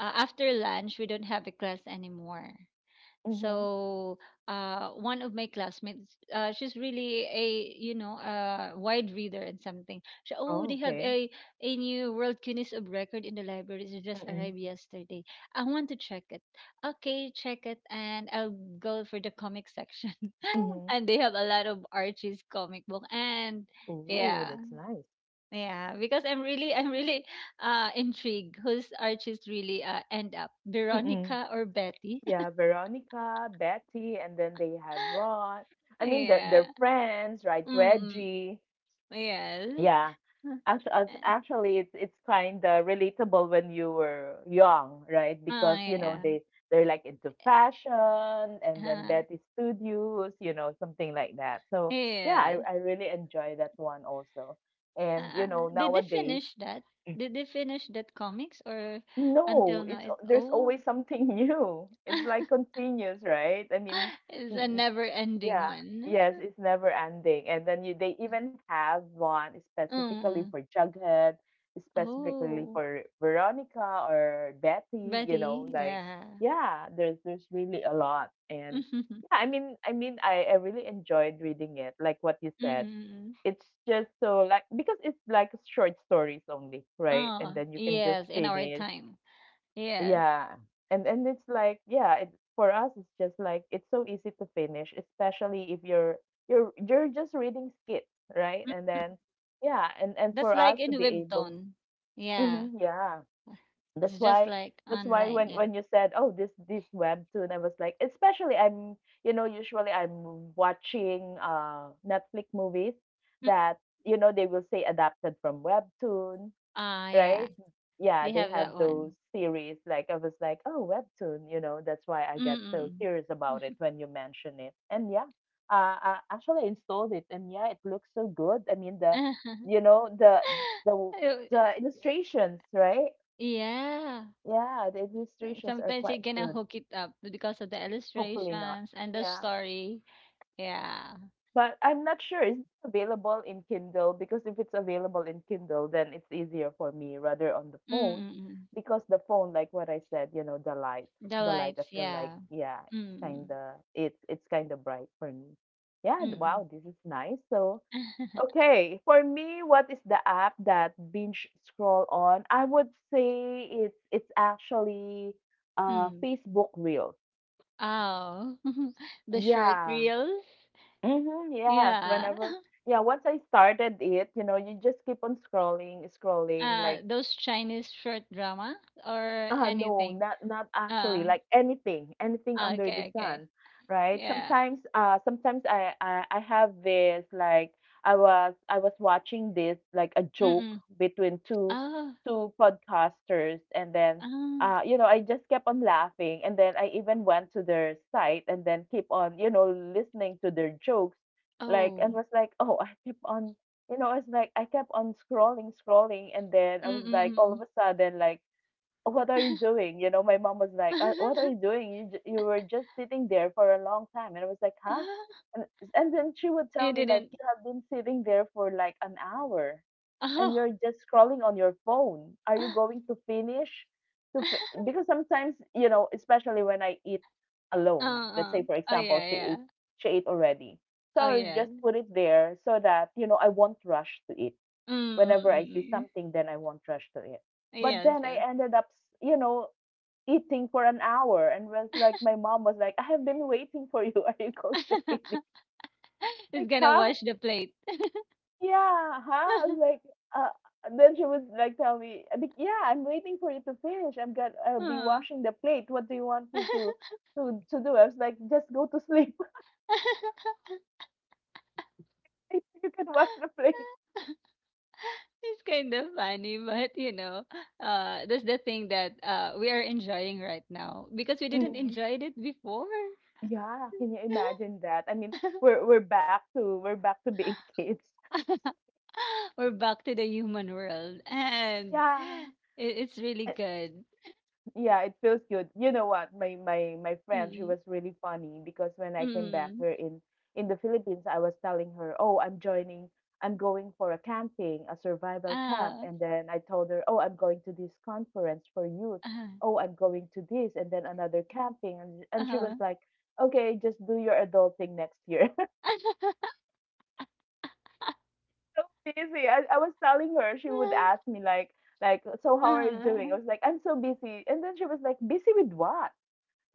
Speaker 2: uh, after lunch, we don't have a class anymore.
Speaker 1: Mm-hmm.
Speaker 2: So, uh, one of my classmates, uh, she's really a, you know, a wide reader and something. She, oh,
Speaker 1: Oh,
Speaker 2: they have
Speaker 1: okay.
Speaker 2: a a new World Guinness of Record in the library. It just
Speaker 1: Mm-mm.
Speaker 2: arrived yesterday. I want to check it. Okay, check it, and I'll go for the comic section. *laughs*
Speaker 1: Mm-hmm.
Speaker 2: And they have a lot of Archie's comic book, and
Speaker 1: Ooh,
Speaker 2: yeah,
Speaker 1: that's nice.
Speaker 2: yeah, because I'm really I'm really uh intrigued. Who's Archie's really, uh, end up,
Speaker 1: Mm-mm.
Speaker 2: Veronica or Betty?
Speaker 1: Yeah,
Speaker 2: *laughs*
Speaker 1: Veronica, Betty, and then they have Ron. I mean, they're,
Speaker 2: Yeah.
Speaker 1: they're friends, right?
Speaker 2: Mm,
Speaker 1: Reggie.
Speaker 2: yes.
Speaker 1: Yeah.
Speaker 2: *laughs*
Speaker 1: Actually, actually, it's it's kind of relatable when you were young, right?
Speaker 2: Oh,
Speaker 1: Because you know
Speaker 2: yeah.
Speaker 1: they they're like into fashion, and then
Speaker 2: Uh,
Speaker 1: Betty Studios, you know, something like that. So yeah, I
Speaker 2: yes.
Speaker 1: I really enjoy that one also. And you
Speaker 2: Uh,
Speaker 1: know
Speaker 2: did they
Speaker 1: nowadays,
Speaker 2: finish that? Did
Speaker 1: *clears throat*
Speaker 2: they finish that comics, or until
Speaker 1: no,
Speaker 2: now?
Speaker 1: it's
Speaker 2: It,
Speaker 1: al- there's
Speaker 2: oh,
Speaker 1: always something *laughs* new. It's like continuous, right? I mean,
Speaker 2: *laughs* it's a
Speaker 1: n-
Speaker 2: never-ending
Speaker 1: yeah.
Speaker 2: one.
Speaker 1: Yes, it's never ending. And then you they even
Speaker 2: *laughs*
Speaker 1: have one specifically
Speaker 2: Mm.
Speaker 1: for Jughead, specifically
Speaker 2: Oh,
Speaker 1: for Veronica or Betty, you
Speaker 2: Betty.
Speaker 1: know, like
Speaker 2: Yeah.
Speaker 1: yeah, there's there's really a lot. And yeah, I
Speaker 2: *laughs*
Speaker 1: mean I mean I, I really enjoyed reading it, like what you said.
Speaker 2: Mm-mm.
Speaker 1: It's just so like because it's like short stories only, right? And
Speaker 2: Oh,
Speaker 1: then you can just
Speaker 2: yes. In our
Speaker 1: finish.
Speaker 2: time. Yes.
Speaker 1: Yeah. And and it's like, yeah, it, for us it's just like it's so easy to finish, especially if you're you're you're just reading skits, right? And
Speaker 2: Mm.
Speaker 1: then yeah, and and
Speaker 2: That's
Speaker 1: for us
Speaker 2: like in
Speaker 1: to be able.
Speaker 2: Webtoon. Yeah.
Speaker 1: Mhm, yeah. That's
Speaker 2: It's just
Speaker 1: why
Speaker 2: like
Speaker 1: that's why
Speaker 2: online.
Speaker 1: when
Speaker 2: Yeah.
Speaker 1: when you said, "Oh, this this webtoon," I was like, especially I'm, you know, usually I'm watching uh Netflix movies
Speaker 2: Mm.
Speaker 1: that, you know, they will say adapted from webtoon,
Speaker 2: Ah, yeah.
Speaker 1: right? Yeah,
Speaker 2: They
Speaker 1: they
Speaker 2: have
Speaker 1: have
Speaker 2: that
Speaker 1: those
Speaker 2: one.
Speaker 1: series. Like I was like, oh, webtoon, you know, that's why I got so
Speaker 2: Mm-mm.
Speaker 1: curious about it when you mention it. And yeah, uh, I actually installed it, and yeah, it looks so good. I mean, the,
Speaker 2: *laughs*
Speaker 1: you know, the the
Speaker 2: Oh.
Speaker 1: the illustrations, right?
Speaker 2: Yeah.
Speaker 1: Yeah, the illustrations are
Speaker 2: Sometimes you're
Speaker 1: quite
Speaker 2: gonna
Speaker 1: good.
Speaker 2: hook it up because of the
Speaker 1: Hopefully not.
Speaker 2: illustrations and the
Speaker 1: Yeah.
Speaker 2: story. Yeah.
Speaker 1: But I'm not sure, is it available in Kindle? Because if it's available in Kindle, then it's easier for me rather on the phone.
Speaker 2: Mm-mm.
Speaker 1: Because the phone, like what I said, you know, the light,
Speaker 2: The
Speaker 1: the light, I
Speaker 2: lights,
Speaker 1: feel like,
Speaker 2: yeah.
Speaker 1: yeah, it's kind
Speaker 2: Mm-mm.
Speaker 1: of, it's, it's kind of bright for me. Yeah, th-
Speaker 2: Mm-mm.
Speaker 1: wow, this is nice. So,
Speaker 2: *laughs*
Speaker 1: okay, for me, what is the app that binge scroll on? I would say it's, it's actually uh,
Speaker 2: Mm.
Speaker 1: Facebook Reels.
Speaker 2: Oh. *laughs* The short
Speaker 1: Yeah,
Speaker 2: reels.
Speaker 1: mhm, yes,
Speaker 2: Yeah.
Speaker 1: whenever
Speaker 2: *laughs*
Speaker 1: yeah, once I started it, you know, you just keep on scrolling, scrolling,
Speaker 2: Uh,
Speaker 1: like
Speaker 2: those Chinese short drama or
Speaker 1: ah, no,
Speaker 2: anything.
Speaker 1: not not actually.
Speaker 2: Uh,
Speaker 1: Like anything, anything under the
Speaker 2: okay, okay.
Speaker 1: sun, right?
Speaker 2: Yeah.
Speaker 1: Sometimes, uh, sometimes I I, I have this like I was I was watching this like a joke
Speaker 2: Mm.
Speaker 1: between two
Speaker 2: Ah,
Speaker 1: two podcasters, and then
Speaker 2: ah,
Speaker 1: uh, you know, I just kept on laughing, and then I even went to their site and then keep on you know listening to their jokes, like and
Speaker 2: oh.
Speaker 1: was like, oh, I keep on. You know, it's like I kept on scrolling, scrolling, and then I was
Speaker 2: Mm,
Speaker 1: like, all of
Speaker 2: mm.
Speaker 1: a sudden, like what are you doing? You know, my mom was like, uh, what
Speaker 2: Ah,
Speaker 1: are
Speaker 2: *laughs*
Speaker 1: you doing? You j- you were just sitting there for a long time. And I was like, huh? And, and then she would tell
Speaker 2: you
Speaker 1: me, like,
Speaker 2: didn't,
Speaker 1: you have been sitting there for like an hour and
Speaker 2: oh.
Speaker 1: you're just scrolling on your phone. Are you going to finish? To
Speaker 2: *laughs*
Speaker 1: fi-? Because sometimes, you know, especially when I eat alone, let's
Speaker 2: Uh-uh.
Speaker 1: say, for
Speaker 2: Oh,
Speaker 1: example,
Speaker 2: yeah,
Speaker 1: she
Speaker 2: yeah.
Speaker 1: ate, she ate already. So
Speaker 2: Oh,
Speaker 1: I'll
Speaker 2: yeah.
Speaker 1: just
Speaker 2: Mm,
Speaker 1: put it there so that, you know, I won't rush to eat
Speaker 2: mm, mm,
Speaker 1: whenever I see
Speaker 2: mm.
Speaker 1: something, then I won't rush to it. But
Speaker 2: Yes,
Speaker 1: then I
Speaker 2: yes.
Speaker 1: ended up, you know, eating for an hour, and was like, my mom was like, "I have been waiting for you. *laughs* Are you going to finish?"
Speaker 2: *laughs*
Speaker 1: *laughs*
Speaker 2: It's
Speaker 1: Like,
Speaker 2: gonna
Speaker 1: huh?
Speaker 2: wash the plate.
Speaker 1: Yeah, huh? I was
Speaker 2: *laughs*
Speaker 1: like, uh. And then she was like, "Tell me, I think, yeah, I'm waiting for you to finish. I'm gonna, I'll be
Speaker 2: Huh.
Speaker 1: washing the plate. What do you want me to,
Speaker 2: *laughs*
Speaker 1: to, to do?" I was like, "Just go to sleep. *laughs* You can wash the plate."
Speaker 2: It's kind of funny, but you know, uh, that's the thing that uh we are enjoying right now, because we didn't
Speaker 1: Hmm.
Speaker 2: enjoy it before.
Speaker 1: Yeah, can you
Speaker 2: *laughs*
Speaker 1: imagine that? I mean, we're we're back to we're back to being *laughs* kids.
Speaker 2: *laughs* We're back to the human world, and
Speaker 1: Yeah.
Speaker 2: it, it's really
Speaker 1: Uh,
Speaker 2: good.
Speaker 1: yeah, it feels good. You know what? My my my friend, she
Speaker 2: Mm,
Speaker 1: was really funny because when I came back
Speaker 2: mm,
Speaker 1: here in in the Philippines, I was telling her, "Oh, I'm joining. I'm going for a camping, a survival camp."
Speaker 2: ah,
Speaker 1: And then I told her, "Oh, I'm going to this conference for youth.
Speaker 2: ah,
Speaker 1: Oh, I'm going to this and then another camping." And and she was
Speaker 2: ah,
Speaker 1: like, "Okay, just do your adulting next year." *laughs* So busy. I, I was telling her, she would ask me like like, "So
Speaker 2: ah,
Speaker 1: how are you doing?" I was
Speaker 2: ah,
Speaker 1: like, "I'm so busy." And then she was like, "Busy with what?"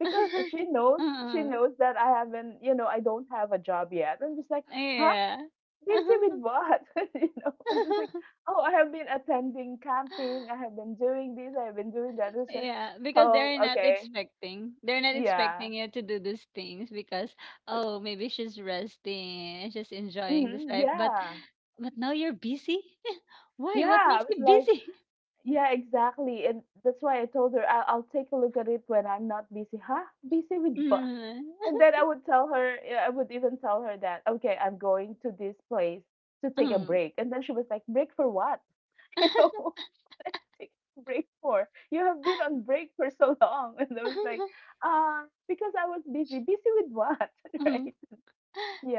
Speaker 1: Because
Speaker 2: *laughs*
Speaker 1: she knows she
Speaker 2: ah,
Speaker 1: knows that I haven't, you know, I don't have a job yet. I'm just like, huh?
Speaker 2: yeah.
Speaker 1: Busy with what? *laughs* You know, and it's like,
Speaker 2: *laughs*
Speaker 1: oh, I have been attending camping, I have been doing this, I have been doing that. It's like,
Speaker 2: Yeah, because
Speaker 1: oh,
Speaker 2: they're not
Speaker 1: okay,
Speaker 2: expecting. They're not
Speaker 1: yeah,
Speaker 2: expecting you to do these things because, oh, maybe she's resting, she's enjoying this
Speaker 1: hmm
Speaker 2: life, but
Speaker 1: yeah,
Speaker 2: but now you're busy? *laughs* Why? What
Speaker 1: yeah. I
Speaker 2: makes
Speaker 1: was
Speaker 2: you
Speaker 1: like,
Speaker 2: busy? *laughs*
Speaker 1: yeah, exactly, and that's why I told her I'll, I'll take a look at it when I'm not busy. Huh? Busy with what?
Speaker 2: Mm,
Speaker 1: And then I would tell her, eh, I would even tell her that, okay, I'm going to this place to take a
Speaker 2: mm.
Speaker 1: break. And then she was like, break for what? *laughs* You
Speaker 2: *laughs*
Speaker 1: know, take a break for? You have been on break for so long. *laughs* And I was like,
Speaker 2: *laughs*
Speaker 1: uh, because I was busy. Busy with what? *laughs*
Speaker 2: Mhm.
Speaker 1: Right?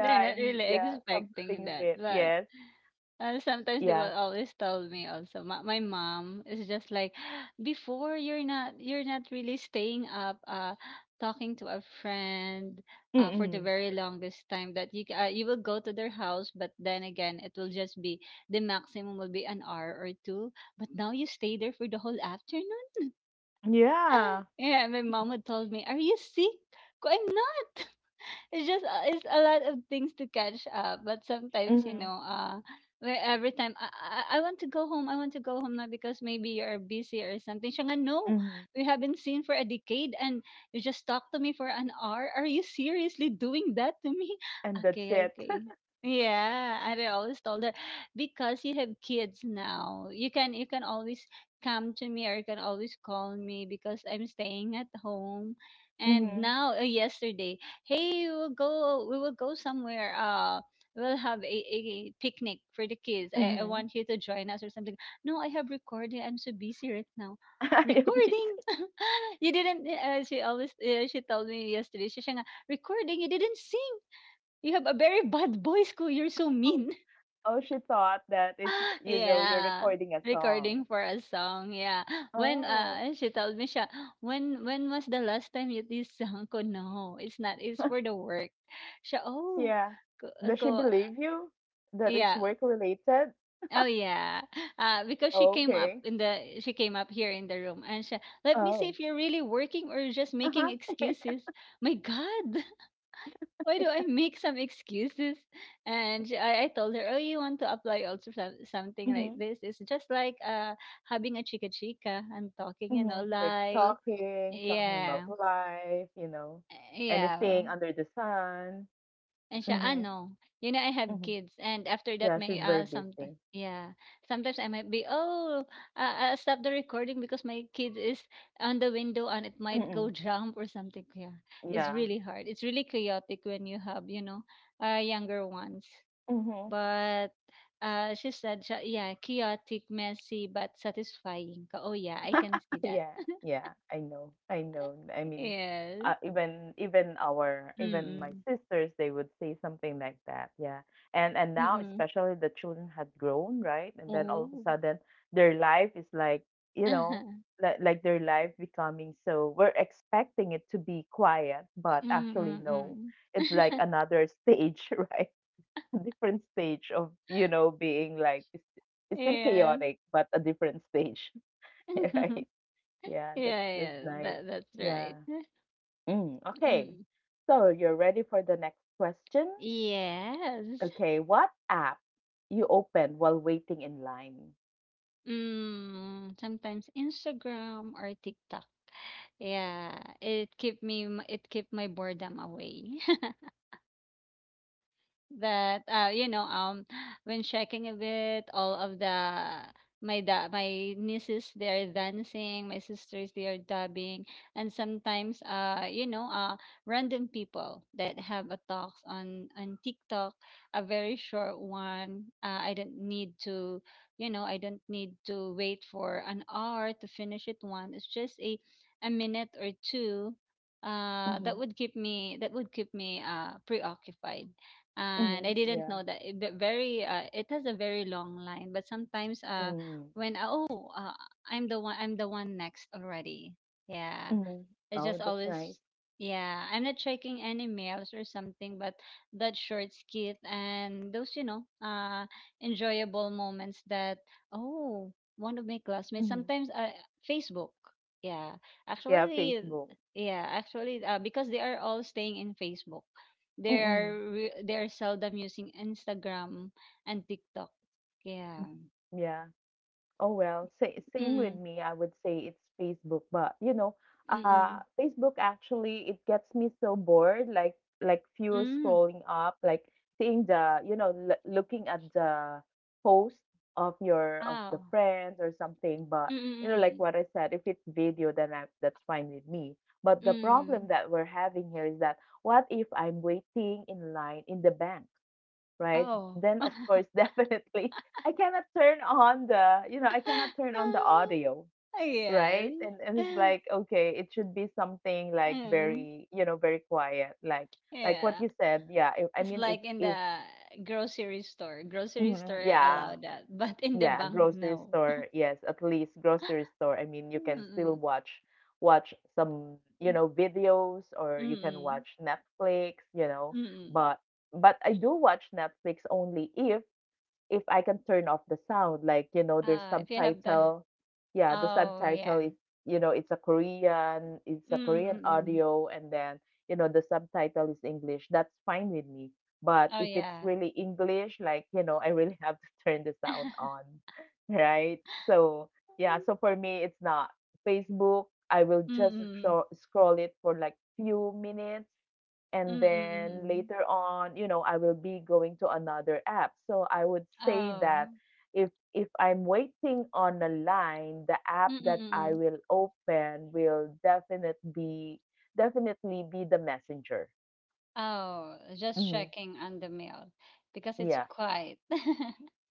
Speaker 2: They're not
Speaker 1: And
Speaker 2: really
Speaker 1: yeah, come to
Speaker 2: expecting
Speaker 1: think of
Speaker 2: that,
Speaker 1: it.
Speaker 2: but,
Speaker 1: Yes.
Speaker 2: uh, sometimes they will
Speaker 1: Yeah.
Speaker 2: always tell me also. My, my mom is just like, *gasps* before, you're not you're not really staying up, uh, talking to a friend, uh, for the
Speaker 1: Mm-mm.
Speaker 2: very longest time that you ca- uh, you will go to their house, but then again it will just be, the maximum will be an hour or two. But now you stay there for the whole afternoon. *laughs*
Speaker 1: Yeah.
Speaker 2: Yeah, my mom would told me, "Are you sick?" Ko, I'm not. It's just, uh, it's a lot of things to catch up. But sometimes, you
Speaker 1: Mm-hmm.
Speaker 2: know, uh, where every time, I, I I want to go home, I want to go home now because maybe you're busy or something. Siya nga, no,
Speaker 1: Mm-hmm.
Speaker 2: we haven't seen for a decade, and you just talk to me for an hour. Are you seriously doing that to me?
Speaker 1: And
Speaker 2: *laughs*
Speaker 1: that's
Speaker 2: Okay,
Speaker 1: it.
Speaker 2: okay. Yeah, and I always told her, because you have kids now, you can you can always come to me, or you can always call me because I'm staying at home.
Speaker 1: *laughs*
Speaker 2: And
Speaker 1: Mm-hmm.
Speaker 2: now, uh, yesterday, hey, we will go we will go somewhere, uh we'll have a, a picnic for the kids, I, I
Speaker 1: Mm-hmm.
Speaker 2: want you to join us or something. No, I have recording, I'm so busy right now,
Speaker 1: *laughs* You're busy.
Speaker 2: recording. *laughs* You didn't, uh, she always, uh, she told me yesterday, she said, recording, you didn't sing, you have a very bad voice ko, you're so
Speaker 1: Oh,
Speaker 2: mean.
Speaker 1: oh, she thought that
Speaker 2: *gasps*
Speaker 1: it's,
Speaker 2: *laughs*
Speaker 1: you know, you're
Speaker 2: Yeah,
Speaker 1: recording a song.
Speaker 2: recording for a song, yeah. When,
Speaker 1: Oh,
Speaker 2: uh she told me siya, when when was the last time you did song ko? No, it's not, it's for the work, siya. Oh,
Speaker 1: yeah.
Speaker 2: ko,
Speaker 1: Does
Speaker 2: ko.
Speaker 1: she believe you that it's
Speaker 2: Yeah.
Speaker 1: work related?
Speaker 2: Oh yeah. Uh because she came up
Speaker 1: Okay.
Speaker 2: in the she came up here in the room, and she, let me see
Speaker 1: Oh.
Speaker 2: if you're really working or just making
Speaker 1: Uh-huh. *laughs*
Speaker 2: excuses. My god, why do I make some excuses? And she- I, I told her, oh, you want to apply also some, something like
Speaker 1: Mm-hmm.
Speaker 2: this. It's just like, uh having a chica chica and talking, you know,
Speaker 1: Mm-hmm. Like
Speaker 2: like,
Speaker 1: talking, talking about
Speaker 2: yeah,
Speaker 1: life, you know,
Speaker 2: yeah.
Speaker 1: anything under the sun.
Speaker 2: And she, ah,
Speaker 1: Mm-hmm.
Speaker 2: no, you know, I have
Speaker 1: Mm-hmm.
Speaker 2: kids, and after that,
Speaker 1: Yeah, she's
Speaker 2: may,
Speaker 1: very
Speaker 2: uh sometimes.
Speaker 1: busy.
Speaker 2: Yeah, sometimes I might be, oh, uh, I'll stop the recording because my kid is on the window, and it might
Speaker 1: Mm-hmm.
Speaker 2: go jump or something. Yeah, it's
Speaker 1: Yeah.
Speaker 2: really hard. It's really chaotic when you have, you know, uh, younger ones.
Speaker 1: Mm-hmm.
Speaker 2: But, uh, she said siya, yeah, chaotic, messy, but satisfying ka. Oh yeah, I can see that.
Speaker 1: Yeah,
Speaker 2: *laughs*
Speaker 1: yeah, I know. I know. I mean,
Speaker 2: Yes.
Speaker 1: uh, even even our even my
Speaker 2: Mm.
Speaker 1: sisters, they would say something like that. Yeah. And and now
Speaker 2: Mm.
Speaker 1: especially the children had grown, right? And then all of a
Speaker 2: Oh.
Speaker 1: sudden their life is like, you know,
Speaker 2: Uh-huh.
Speaker 1: like like their life becoming so we're expecting it to be quiet, but actually
Speaker 2: Mm,
Speaker 1: no.
Speaker 2: mm.
Speaker 1: It's like another stage, *laughs* right? A different stage of, you know, being like it's, it's still
Speaker 2: Yes.
Speaker 1: chaotic, but a different stage, *laughs* right?
Speaker 2: *laughs*
Speaker 1: Yeah, that's
Speaker 2: Yeah,
Speaker 1: that's
Speaker 2: yeah,
Speaker 1: nice.
Speaker 2: that that's
Speaker 1: Yeah.
Speaker 2: right. *laughs*
Speaker 1: Mm, okay.
Speaker 2: Mm.
Speaker 1: So you're ready for the next question?
Speaker 2: Yes.
Speaker 1: Okay, what app you open while waiting in line?
Speaker 2: Mm, sometimes Instagram or TikTok. Yeah, it keep me m- it keep my boredom away. *laughs* That, uh you know, um *sighs* when checking a bit all of the, my da- my nieces, they are dancing, my sisters, they are dubbing, and sometimes, uh you know, uh random people that have a talks on on TikTok, a very short one, uh, i don't need to you know I don't need to wait for an hour to finish it, one, it's just a a minute or two, uh that
Speaker 1: Mm-hmm.
Speaker 2: would keep me that would keep me uh preoccupied. And
Speaker 1: Mm-hmm.
Speaker 2: I didn't
Speaker 1: Yeah.
Speaker 2: know that, it, the very uh, it has a very long line, but sometimes, uh
Speaker 1: Mm.
Speaker 2: when, uh, oh, uh, I'm the one I'm the one next already. Yeah.
Speaker 1: Mm-hmm.
Speaker 2: It's just
Speaker 1: Oh, that's
Speaker 2: always,
Speaker 1: nice.
Speaker 2: yeah, I'm not checking any mails or something, but that short skit and those, you know, uh, enjoyable moments that, oh, one of my classmates,
Speaker 1: Mm-hmm.
Speaker 2: sometimes, uh, Facebook. Yeah,
Speaker 1: Yeah,
Speaker 2: actually,
Speaker 1: Facebook.
Speaker 2: yeah, actually, uh, because they are all staying in Facebook. They are
Speaker 1: Mm-mm.
Speaker 2: re- they are seldom using Instagram and TikTok. Yeah.
Speaker 1: Yeah. Oh well, sa same with
Speaker 2: Mm-mm,
Speaker 1: me. I would say it's Facebook, but you know, uh,
Speaker 2: mm-mm,
Speaker 1: Facebook actually it gets me so bored. Like like fewer
Speaker 2: mm.
Speaker 1: scrolling up, like seeing the you know l looking at the post of your of the
Speaker 2: Oh.
Speaker 1: friends or something. But
Speaker 2: Mm-mm,
Speaker 1: you know, like
Speaker 2: mm-mm,
Speaker 1: what I said, if it's video, then I, that's fine with me. But the problem
Speaker 2: mm.
Speaker 1: that we're having here is that what if I'm waiting in line in the bank, right?
Speaker 2: Oh.
Speaker 1: Then of
Speaker 2: *laughs*
Speaker 1: course, *laughs* definitely, I cannot turn on the, you know, I cannot turn on the audio,
Speaker 2: *laughs* Yes.
Speaker 1: right? And, and it's like,
Speaker 2: *sighs*
Speaker 1: okay, it should be something like
Speaker 2: Um,
Speaker 1: very, you know, very quiet, like like what
Speaker 2: yeah.
Speaker 1: you said. Yeah, if, I
Speaker 2: It's
Speaker 1: mean, if
Speaker 2: like in
Speaker 1: if
Speaker 2: the grocery store. Grocery
Speaker 1: mhm,
Speaker 2: store
Speaker 1: yeah.
Speaker 2: allow that, but in the
Speaker 1: Yeah,
Speaker 2: bank,
Speaker 1: grocery
Speaker 2: no.
Speaker 1: store, yes, at least grocery store, I mean, you can still
Speaker 2: Mm-mm.
Speaker 1: watch watch some you know videos, or you can
Speaker 2: Mm-mm.
Speaker 1: watch Netflix, you know,
Speaker 2: Mm-mm.
Speaker 1: but but I do watch Netflix only if if I can turn off the sound, like, you know, there's
Speaker 2: Uh, if you have the.
Speaker 1: subtitle. Yeah, the
Speaker 2: Oh,
Speaker 1: subtitle
Speaker 2: yeah.
Speaker 1: is, you know, it's a Korean, it's a Korean
Speaker 2: Mm-mm.
Speaker 1: audio, and then, you know, the subtitle is English. That's fine with me. But
Speaker 2: Oh,
Speaker 1: if it's
Speaker 2: yeah.
Speaker 1: really English, like, you know, I really have to *laughs* turn the sound on, *laughs* right? So, yeah, so for
Speaker 2: *laughs*
Speaker 1: me, it's not Facebook. I will just
Speaker 2: Mm-mm.
Speaker 1: scro- scroll it for like few minutes and then
Speaker 2: Mm-mm.
Speaker 1: later on you know I will be going to another app, so I would say that
Speaker 2: Oh.
Speaker 1: if if I'm waiting on a line, the app that I
Speaker 2: Mm-mm.
Speaker 1: will open will definitely be definitely be the messenger.
Speaker 2: Oh, just
Speaker 1: Hmm.
Speaker 2: checking on the mail because it's quiet. *laughs*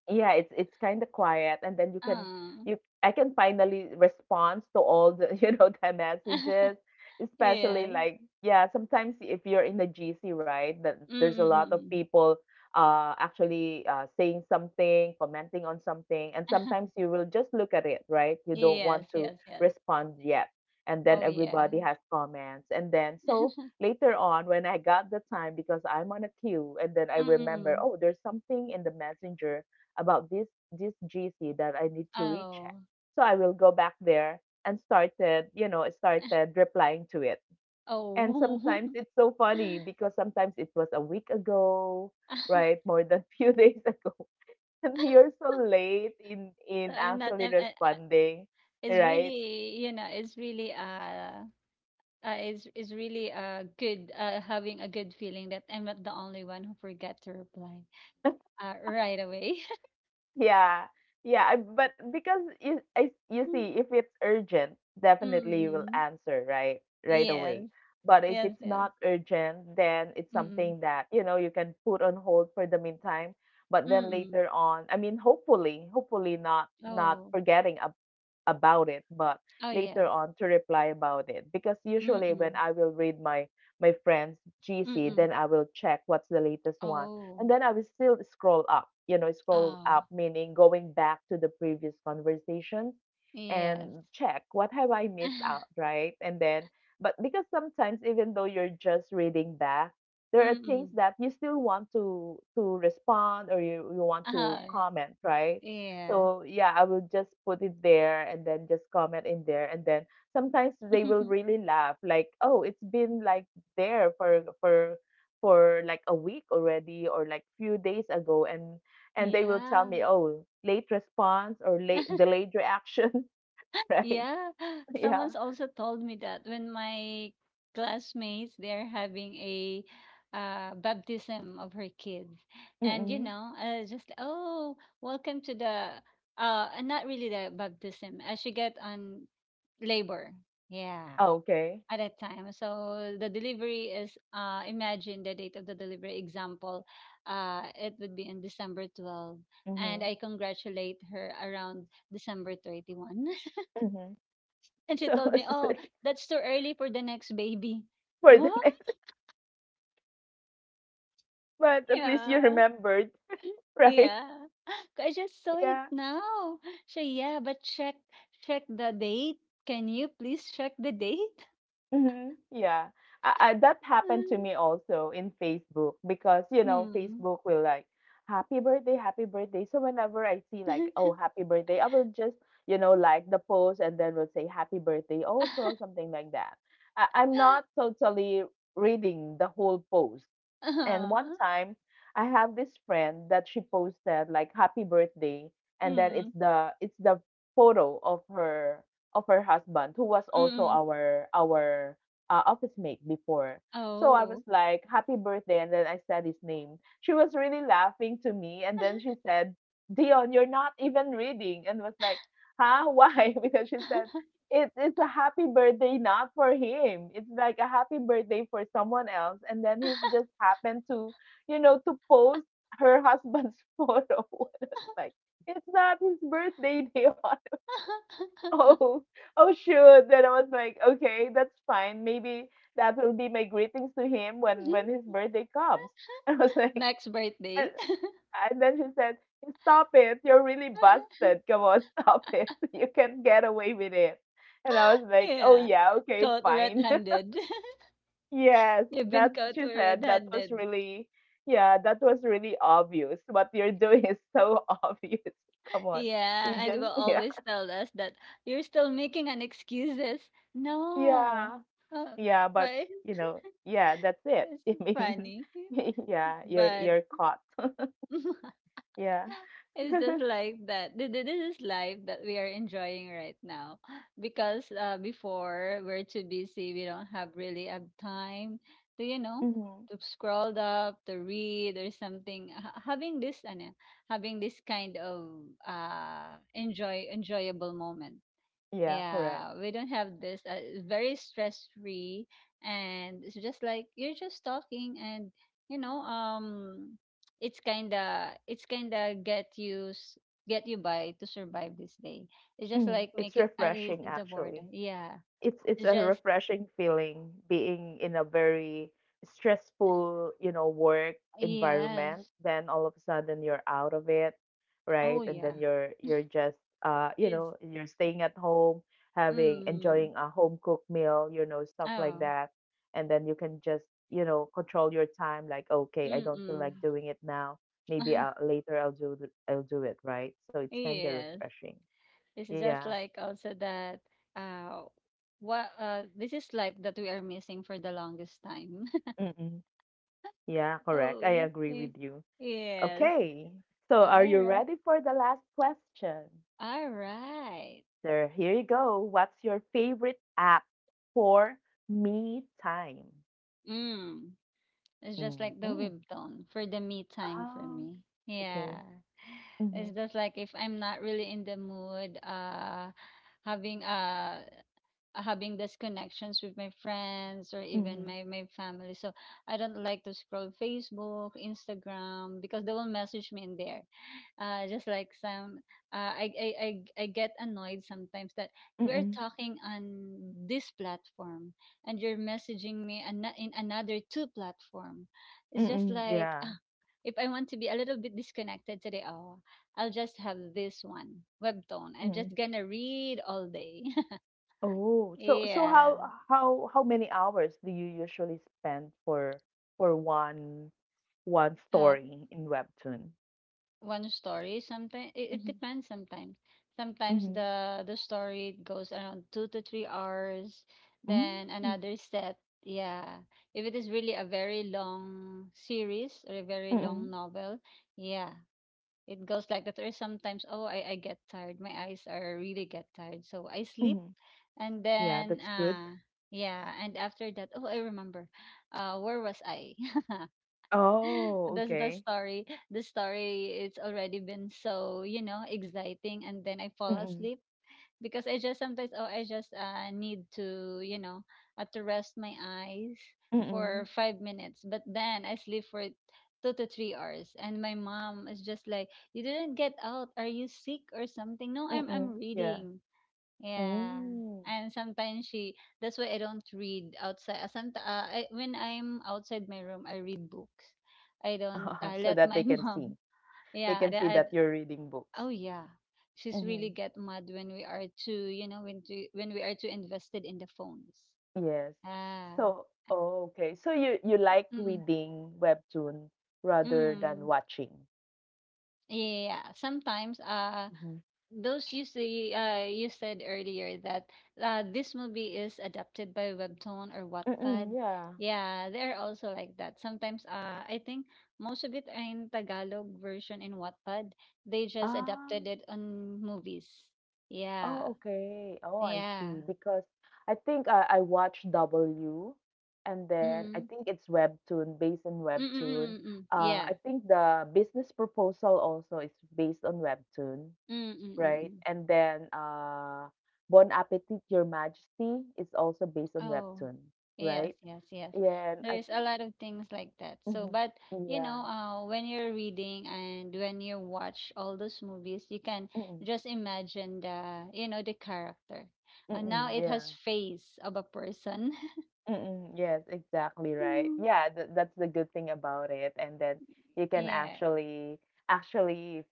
Speaker 1: Yeah, it's it's kinda quiet, and then you can
Speaker 2: Oh.
Speaker 1: you I can finally respond to all the *laughs* you know, the
Speaker 2: *laughs*
Speaker 1: messages, especially
Speaker 2: Yes.
Speaker 1: like yeah, sometimes if you're in the G C, right, that there's a lot of
Speaker 2: Mm-mm-mm.
Speaker 1: people uh actually uh saying something, commenting on something, and sometimes
Speaker 2: *laughs*
Speaker 1: you will just look at it, right? You don't
Speaker 2: Yes,
Speaker 1: want to
Speaker 2: yes, yes.
Speaker 1: respond yet. And then
Speaker 2: Oh yeah.
Speaker 1: everybody has comments. And then so
Speaker 2: *laughs*
Speaker 1: later on when I got the time because I'm on a queue and then I remember,
Speaker 2: Mm-mm.
Speaker 1: oh, there's something in the messenger about this this G C that I need to recheck.
Speaker 2: Oh.
Speaker 1: So I will go back there and started, you know, started replying to it. And
Speaker 2: Oh.
Speaker 1: sometimes it's so funny because sometimes it was a week ago, right?
Speaker 2: *laughs*
Speaker 1: More than *laughs* few days ago. And you're so late in
Speaker 2: So
Speaker 1: in
Speaker 2: I'm not
Speaker 1: actually
Speaker 2: I'm, I, I-
Speaker 1: responding,
Speaker 2: it's
Speaker 1: right?
Speaker 2: really, you know, it's really uh uh, it's, it's really uh good uh having a good feeling that I'm not the only one who forget to reply uh right away. *laughs*
Speaker 1: Yeah, yeah, I- but because you, I, you see, if it's urgent, definitely you will
Speaker 2: Mm-mm.
Speaker 1: answer right right away.
Speaker 2: Yes,
Speaker 1: But if
Speaker 2: yes,
Speaker 1: it's
Speaker 2: yes.
Speaker 1: not urgent, then it's
Speaker 2: Mm-mm.
Speaker 1: something that you know you can put on hold for the meantime. But then
Speaker 2: Mm-mm.
Speaker 1: later on, I mean, hopefully, hopefully not not
Speaker 2: Oh,
Speaker 1: forgetting about it, but
Speaker 2: oh yes.
Speaker 1: later on to reply about it. Because usually when
Speaker 2: Mm-mm.
Speaker 1: I will read my my friend's G C,
Speaker 2: Mm.
Speaker 1: then I will check what's the latest one.
Speaker 2: Oh.
Speaker 1: And then I will still scroll up, you know, scroll
Speaker 2: Ah,
Speaker 1: up meaning going back to the previous conversations
Speaker 2: yes.
Speaker 1: and check what have I missed out,
Speaker 2: *laughs*
Speaker 1: right? And then but because sometimes even though you're just reading back, there are things
Speaker 2: Mm.
Speaker 1: that you still want to to respond or you, you want to
Speaker 2: Ah,
Speaker 1: comment, right?
Speaker 2: yeah.
Speaker 1: So yeah, I will just put it there and then just comment in there and then sometimes they will
Speaker 2: *laughs*
Speaker 1: really laugh like, "Oh, it's been like there for for for like a week already or like few days ago." And and they will tell
Speaker 2: Yeah.
Speaker 1: me, "Oh, late response or late delayed reaction," *laughs* right?
Speaker 2: Yeah. *gasps*
Speaker 1: Yeah.
Speaker 2: Someone's also told me that when my classmates they're having a uh, baptism of her kids. And you
Speaker 1: Mm-mm.
Speaker 2: know, uh, just oh, welcome to the uh not really the baptism. Uh, she got on labor. Yeah.
Speaker 1: Okay.
Speaker 2: At a time. So the delivery is uh imagine the date of the delivery example. Uh it would be in December twelfth, and
Speaker 1: Mm-hmm.
Speaker 2: I congratulate her around December thirty-first.
Speaker 1: Mm-hmm.
Speaker 2: *laughs* And she
Speaker 1: So *laughs*
Speaker 2: told me,
Speaker 1: it's
Speaker 2: "Oh,
Speaker 1: like
Speaker 2: that's too early for the next baby." *laughs*
Speaker 1: for the
Speaker 2: Oh,
Speaker 1: next, but at least you
Speaker 2: yeah.
Speaker 1: remembered, *laughs* right?
Speaker 2: Yeah. *laughs* I just saw it
Speaker 1: Yeah.
Speaker 2: now. So yeah, but check check the date. Can you please check the date?
Speaker 1: Mhm. Yeah. I, I, that happened to me
Speaker 2: *laughs*
Speaker 1: also in Facebook because, you know,
Speaker 2: Hmm.
Speaker 1: Facebook will like, happy birthday, happy birthday. So whenever I see
Speaker 2: *laughs*
Speaker 1: like, oh, happy birthday, I will just, you know, like the post and then will say happy birthday also, something like that. I, I'm not totally reading the whole post. And one
Speaker 2: Uh-huh.
Speaker 1: time, I have this friend that she posted like happy birthday and then it's
Speaker 2: Mm.
Speaker 1: the it's the photo of her of her husband who was also
Speaker 2: Mm.
Speaker 1: our our uh, office mate before. So I was
Speaker 2: Oh.
Speaker 1: like happy birthday and then I said his name. She was really laughing to me and then she said, "Dion, you're not even reading." And was like, "Huh? Why?" *laughs* because she said it's it's a happy birthday not for him. It's like a happy birthday for someone else, and then he's just happened to, you know, to post her husband's *laughs* photo. *laughs* It's like it's not his birthday, Dion. *laughs*
Speaker 2: *laughs*
Speaker 1: Oh, oh shoot. Then I was like, okay, that's fine. Maybe that will be my greetings to him when when his birthday comes. *laughs* And I was like,
Speaker 2: Next birthday.
Speaker 1: and and then she said, "Stop it. You're really busted.
Speaker 2: *laughs*
Speaker 1: Come on, stop it. *laughs* You can't get away with it." And I was like, "Oh
Speaker 2: Yeah.
Speaker 1: yeah, okay,
Speaker 2: Caught
Speaker 1: fine." *laughs*
Speaker 2: red-handed. *laughs*
Speaker 1: Yes,
Speaker 2: You've been
Speaker 1: that
Speaker 2: caught
Speaker 1: she said that was
Speaker 2: red-handed.
Speaker 1: really yeah, that was really obvious. What you're doing is so *laughs* obvious. Come on.
Speaker 2: Yeah,
Speaker 1: You
Speaker 2: and will
Speaker 1: just *laughs* yeah.
Speaker 2: always tell us that you're still making an excuses. No.
Speaker 1: Yeah.
Speaker 2: Uh,
Speaker 1: Yeah, but
Speaker 2: but *laughs*
Speaker 1: you know, yeah, that's it.
Speaker 2: it's
Speaker 1: *laughs* I mean,
Speaker 2: funny.
Speaker 1: *laughs* yeah, you're
Speaker 2: But
Speaker 1: you're caught. *laughs*
Speaker 2: *laughs*
Speaker 1: Yeah.
Speaker 2: it's just like that. Th- th- This is life that we are enjoying right now. *sighs* Because uh, before, we're too busy. We don't have really a time to, you know,
Speaker 1: Hmm.
Speaker 2: to scroll up, to read or something. Ha- Having this, ano, having this kind of uh, enjoy enjoyable moment,
Speaker 1: Yeah, correct.
Speaker 2: yeah, we don't have this. Uh, it's very stress free, and it's just like you're just talking, and you know, um, it's kinda, it's kinda get you, s- get you by to survive this day. It's just
Speaker 1: Hmm.
Speaker 2: like
Speaker 1: It's
Speaker 2: make you at least
Speaker 1: refreshing
Speaker 2: the
Speaker 1: actually.
Speaker 2: boredom. Yeah,
Speaker 1: it's it's
Speaker 2: it's
Speaker 1: a
Speaker 2: just
Speaker 1: refreshing feeling being in a very stressful, you know, work environment,
Speaker 2: yes.
Speaker 1: then all of a sudden you're out of it, right,
Speaker 2: Oh
Speaker 1: and
Speaker 2: yeah.
Speaker 1: then you're you're just uh you
Speaker 2: It's
Speaker 1: know, you're staying at home, having,
Speaker 2: mm.
Speaker 1: enjoying a home cooked meal, you know, stuff like
Speaker 2: Oh.
Speaker 1: that. And then you can just, you know, control your time like okay, I
Speaker 2: Mm.
Speaker 1: don't feel
Speaker 2: Mm.
Speaker 1: like doing it now, maybe I
Speaker 2: *laughs*
Speaker 1: later, i'll do th- I'll do it, right? So it's kind of
Speaker 2: yes.
Speaker 1: refreshing.
Speaker 2: This is
Speaker 1: Yeah.
Speaker 2: just like also that uh what uh this is life that we are missing for the longest time. *laughs*
Speaker 1: Mm-mm. Yeah, correct, I
Speaker 2: Oh,
Speaker 1: agree
Speaker 2: y-
Speaker 1: with you.
Speaker 2: yes.
Speaker 1: Okay, so
Speaker 2: All
Speaker 1: are you
Speaker 2: right.
Speaker 1: ready for the last question?
Speaker 2: All right.
Speaker 1: So here you go. What's your favorite app for me time?
Speaker 2: Mm. It's just like the
Speaker 1: Mm-hmm.
Speaker 2: webtoon for the me time for
Speaker 1: Um,
Speaker 2: me.
Speaker 1: okay.
Speaker 2: Yeah.
Speaker 1: Mm-hmm.
Speaker 2: It's just like if I'm not really in the mood, uh having a uh, having these connections with my friends or even
Speaker 1: Mm-hmm.
Speaker 2: my, my family. So I don't like to scroll Facebook, Instagram because they will message me in there. Uh, just like some, uh, I, I, I, I get annoyed sometimes that we're
Speaker 1: Mm-mm.
Speaker 2: talking on this platform and you're messaging me an- in another two platform. It's just
Speaker 1: Mm-mm.
Speaker 2: like,
Speaker 1: Yeah.
Speaker 2: ah, if I want to be a little bit disconnected today, oh, I'll just have this one, webtoon. I'm
Speaker 1: Mm-mm.
Speaker 2: just gonna read all day.
Speaker 1: Oh,
Speaker 2: *laughs*
Speaker 1: so so
Speaker 2: yeah.
Speaker 1: how how how many hours do you usually spend for for one one
Speaker 2: Uh,
Speaker 1: story in Webtoon?
Speaker 2: one story. Sometimes it, it
Speaker 1: Mm-hmm.
Speaker 2: depends. Sometimes, sometimes
Speaker 1: Mm-hmm.
Speaker 2: the the story goes around two to three hours. Then
Speaker 1: Mm-hmm.
Speaker 2: another set. Yeah, if it is really a very long series or a very
Speaker 1: Mm-hmm.
Speaker 2: long novel, yeah, it goes like that. Or sometimes, oh, I I get tired. My eyes are really get tired, so I sleep.
Speaker 1: Mm-hmm.
Speaker 2: And
Speaker 1: Yeah,
Speaker 2: then,
Speaker 1: that's good.
Speaker 2: uh, yeah, and after that, oh, I remember. Uh, where was I? *laughs* *laughs*
Speaker 1: Oh,
Speaker 2: That's the
Speaker 1: okay.
Speaker 2: story. The story it's already been so, you know, exciting and then I fall
Speaker 1: Mm,
Speaker 2: asleep because I just sometimes oh I just uh need to, you know, uh, to rest my eyes for
Speaker 1: mm,
Speaker 2: five minutes. But then I sleep for two to three hours and my mom is just like, "You didn't get out. Are you sick or something?" No, I'm
Speaker 1: mm.
Speaker 2: I'm
Speaker 1: Yeah.
Speaker 2: reading. Yeah.
Speaker 1: Hmm.
Speaker 2: And sometimes she that's why I don't read outside. Uh, somet- uh, I, when I'm outside my room, I read books. I don't uh,
Speaker 1: *laughs* So
Speaker 2: let
Speaker 1: that they
Speaker 2: my *laughs*
Speaker 1: can
Speaker 2: mom.
Speaker 1: see. They
Speaker 2: Yeah,
Speaker 1: can
Speaker 2: the,
Speaker 1: see
Speaker 2: I,
Speaker 1: that you're reading books.
Speaker 2: oh yeah. She's really
Speaker 1: Mhm.
Speaker 2: get mad when we are too, you know, when to, when we are too invested in the phones.
Speaker 1: Yes.
Speaker 2: Ah.
Speaker 1: So, oh, okay. So you you like
Speaker 2: Mm.
Speaker 1: reading webtoon rather than
Speaker 2: Mm.
Speaker 1: watching.
Speaker 2: Yeah, sometimes uh
Speaker 1: Mhm.
Speaker 2: those you see, uh, you said earlier that uh, this movie is adapted by webtoon or
Speaker 1: Mm,
Speaker 2: Wattpad.
Speaker 1: yeah.
Speaker 2: Yeah, they're also like that. Sometimes uh, I think most of it are in Tagalog version in Wattpad. They just
Speaker 1: Ah.
Speaker 2: adapted it on movies. Yeah.
Speaker 1: Oh, okay. Oh, I
Speaker 2: Yeah.
Speaker 1: see. Because I think I, I watched W, and then I
Speaker 2: Mm.
Speaker 1: think it's Webtoon, based on Webtoon.
Speaker 2: Mm-mm-mm-mm.
Speaker 1: Uh,
Speaker 2: Yeah.
Speaker 1: I think the business proposal also is based on Webtoon, right?
Speaker 2: Mm-mm-mm.
Speaker 1: And then uh, Bon Appetit, Your Majesty is also based on
Speaker 2: Oh,
Speaker 1: Webtoon,
Speaker 2: yes,
Speaker 1: right?
Speaker 2: yes, yes.
Speaker 1: Yeah, and I,
Speaker 2: There's a lot of things like that. So,
Speaker 1: mhm,
Speaker 2: but you
Speaker 1: yeah,
Speaker 2: know, uh, when you're reading and when you watch all those movies, you can
Speaker 1: mm-mm,
Speaker 2: just imagine the, you know, the character. Uh,
Speaker 1: mm-mm,
Speaker 2: now it
Speaker 1: yeah.
Speaker 2: has face of a person. *laughs*
Speaker 1: Mm, yes, exactly right.
Speaker 2: Mm,
Speaker 1: Yeah, th that's the good thing about it. And then you can
Speaker 2: yeah.
Speaker 1: actually actually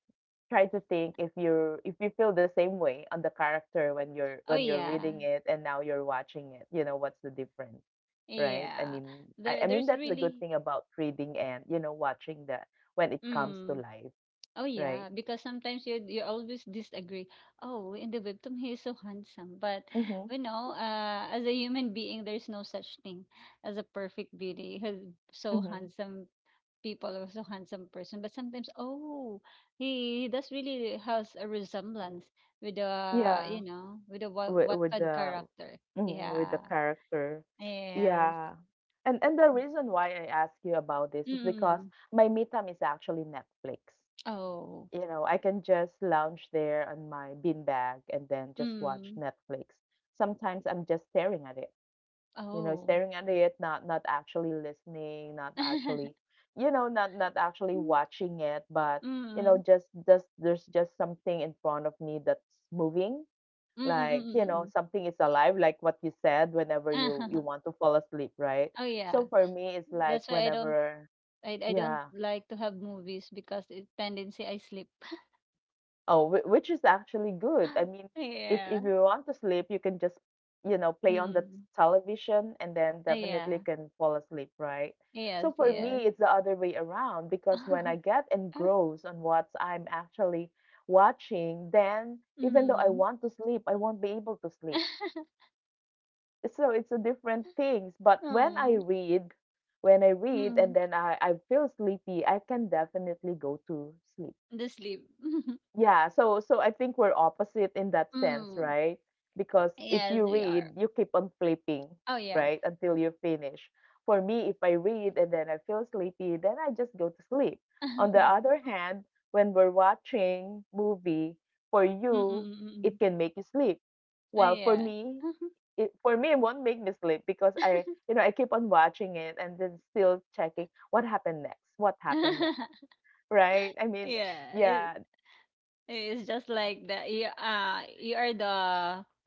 Speaker 1: try to think if you're if you feel the same way on the character when you're
Speaker 2: Oh,
Speaker 1: when you're
Speaker 2: yeah.
Speaker 1: reading it and now you're watching it, you know, what's the difference, right? I
Speaker 2: Yeah.
Speaker 1: mean, I,
Speaker 2: There,
Speaker 1: I mean
Speaker 2: there's
Speaker 1: that's the good
Speaker 2: really.
Speaker 1: thing about reading and, you know, watching the when it comes to
Speaker 2: Mm.
Speaker 1: life,
Speaker 2: Oh
Speaker 1: right?
Speaker 2: yeah, because sometimes you you always disagree. Oh, in the webtoon he is so handsome, but
Speaker 1: Mm-hmm.
Speaker 2: you know, uh, as a human being, there is no such thing as a perfect beauty. He's so
Speaker 1: Mm-hmm.
Speaker 2: handsome people or so handsome person, but sometimes oh, he, he does really has a resemblance with uh
Speaker 1: Yeah.
Speaker 2: you know with a what
Speaker 1: with with
Speaker 2: Wattpad
Speaker 1: the
Speaker 2: character.
Speaker 1: Mhm, with
Speaker 2: Yeah.
Speaker 1: the character.
Speaker 2: Yes.
Speaker 1: Yeah. And and the reason why I ask you about this is because
Speaker 2: Mm.
Speaker 1: my me time is actually Netflix.
Speaker 2: Oh.
Speaker 1: You know, I can just lounge there on my beanbag and then just watch
Speaker 2: Mm.
Speaker 1: Netflix. Sometimes I'm just staring at it. You know,
Speaker 2: Oh.
Speaker 1: staring at it, not not actually listening, not actually,
Speaker 2: *laughs*
Speaker 1: you know, not not actually
Speaker 2: Mm.
Speaker 1: watching it, but you know,
Speaker 2: Mm.
Speaker 1: just just there's just something in front of me that's moving,
Speaker 2: Mm. Mm. Mm.
Speaker 1: like, you
Speaker 2: Mm.
Speaker 1: know,
Speaker 2: mm.
Speaker 1: something is alive, like what you said whenever you you
Speaker 2: *laughs*
Speaker 1: want to fall asleep, right?
Speaker 2: Oh yeah.
Speaker 1: So for me it's like
Speaker 2: That's why I don't
Speaker 1: whenever
Speaker 2: I I don't
Speaker 1: yeah,
Speaker 2: like to have movies because it tendency I sleep.
Speaker 1: oh whi- which is actually good. I
Speaker 2: *laughs*
Speaker 1: mean, if
Speaker 2: Yeah.
Speaker 1: if you want to sleep, you can just, you know, play on the
Speaker 2: Mm.
Speaker 1: television and then
Speaker 2: Ah,
Speaker 1: definitely
Speaker 2: yeah.
Speaker 1: can fall asleep, right? So
Speaker 2: Yes,
Speaker 1: for me
Speaker 2: yes.
Speaker 1: it's the other way around, because when I
Speaker 2: *laughs*
Speaker 1: get engrossed on what I'm actually watching, then even though I
Speaker 2: Mm.
Speaker 1: want to sleep, I won't be able to sleep.
Speaker 2: *laughs*
Speaker 1: So it's a different things, but when I
Speaker 2: Mm.
Speaker 1: read, when I read and
Speaker 2: Mm.
Speaker 1: then I, I feel sleepy, I can definitely go to sleep.
Speaker 2: The sleep. *laughs*
Speaker 1: Yeah, so so I think we're opposite in that sense,
Speaker 2: Mm.
Speaker 1: right? Because if
Speaker 2: Yes,
Speaker 1: you
Speaker 2: we
Speaker 1: read,
Speaker 2: are.
Speaker 1: you keep on flipping,
Speaker 2: Oh yeah.
Speaker 1: right, until you finish. For me, if I read and then I feel sleepy, then I just go to sleep. On the other
Speaker 2: *laughs*
Speaker 1: hand, when we're watching movie, for you, it
Speaker 2: Mm-mm-mm-mm.
Speaker 1: can make you sleep.
Speaker 2: Oh
Speaker 1: While for
Speaker 2: yeah.
Speaker 1: me, it for me it won't make me sleep, because I, you know, I keep on watching it and then still checking what happened next, what happened next,
Speaker 2: *laughs*
Speaker 1: right? I mean,
Speaker 2: Yeah. It,
Speaker 1: yeah.
Speaker 2: it's just like the you uh you are the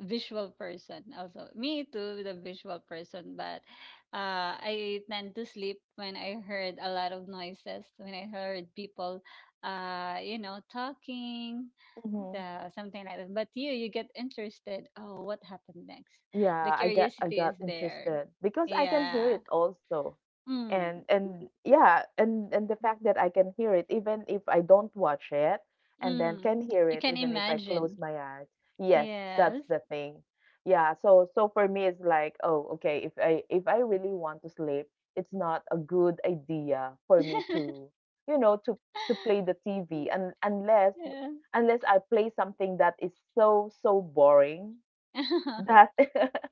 Speaker 2: visual person also. Me too, the visual person, but uh I tend to sleep when I heard a lot of noises, when I heard people uh you know talking, the something like that. But you you get interested. Oh, what happened next? The
Speaker 1: Yeah, I got I
Speaker 2: curiosity
Speaker 1: got
Speaker 2: is there.
Speaker 1: interested because I can hear
Speaker 2: Yeah.
Speaker 1: it also. And
Speaker 2: Mm.
Speaker 1: and yeah, and and the fact that
Speaker 2: *laughs*
Speaker 1: I can hear it even if I don't watch it and then
Speaker 2: Mm.
Speaker 1: can hear
Speaker 2: You
Speaker 1: it
Speaker 2: can
Speaker 1: even if I close
Speaker 2: imagine.
Speaker 1: my eyes. Yes, that's
Speaker 2: Yes.
Speaker 1: the thing. Yeah, so so for me it's like, oh, okay, if I if I really want to sleep, it's not a good idea for me to, you know, to to play the T V.
Speaker 2: *laughs*
Speaker 1: And unless
Speaker 2: Yeah.
Speaker 1: unless I play something that is so so boring that
Speaker 2: *laughs*
Speaker 1: *laughs*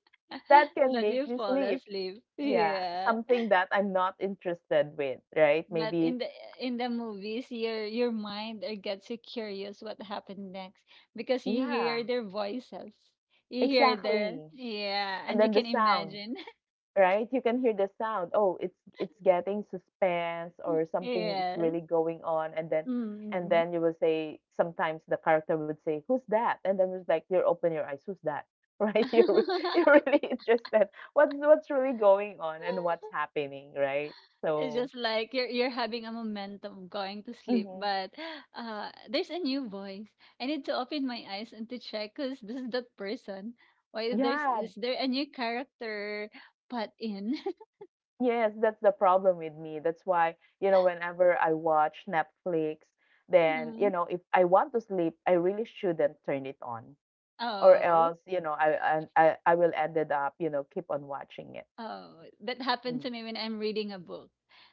Speaker 1: that can
Speaker 2: But you
Speaker 1: make me
Speaker 2: fall
Speaker 1: sleep.
Speaker 2: asleep.
Speaker 1: Yeah,
Speaker 2: Yeah.
Speaker 1: something that I'm not interested with, right?
Speaker 2: But
Speaker 1: Maybe,
Speaker 2: in the in the movies, your your mind uh, gets you curious what happened next because you hear
Speaker 1: yeah,
Speaker 2: their voices. You hear their
Speaker 1: exactly.
Speaker 2: yeah,
Speaker 1: And
Speaker 2: and you
Speaker 1: then the
Speaker 2: can
Speaker 1: sound,
Speaker 2: imagine. *laughs*
Speaker 1: right? You can hear the sound. Oh, it's it's getting suspense or something is
Speaker 2: Yes.
Speaker 1: really going on, and then and
Speaker 2: Mm-mm.
Speaker 1: then you will say sometimes the character would say, "Who's that?" And then it's like you open your eyes, "Who's that?" *laughs* Right? You're re- *laughs* You're
Speaker 2: *laughs*
Speaker 1: really interested. What's what's really going on and what's happening, right?
Speaker 2: It's
Speaker 1: So,
Speaker 2: just like you're you're having a momentum going to sleep,
Speaker 1: mhm.
Speaker 2: but uh, there's a new voice. I need to open my eyes and to check because this is that person. Why there's
Speaker 1: Yeah,
Speaker 2: is there a new character put in? *laughs*
Speaker 1: yes, that's the problem with me. That's why, you know, whenever I watch Netflix, then,
Speaker 2: Hmm.
Speaker 1: you know, if I want to sleep, I really shouldn't turn it on. Or
Speaker 2: Oh.
Speaker 1: else, you know, I and I, I will ended up, you know, keep on watching it.
Speaker 2: Oh, that happened
Speaker 1: Mm.
Speaker 2: to me when I'm reading a book.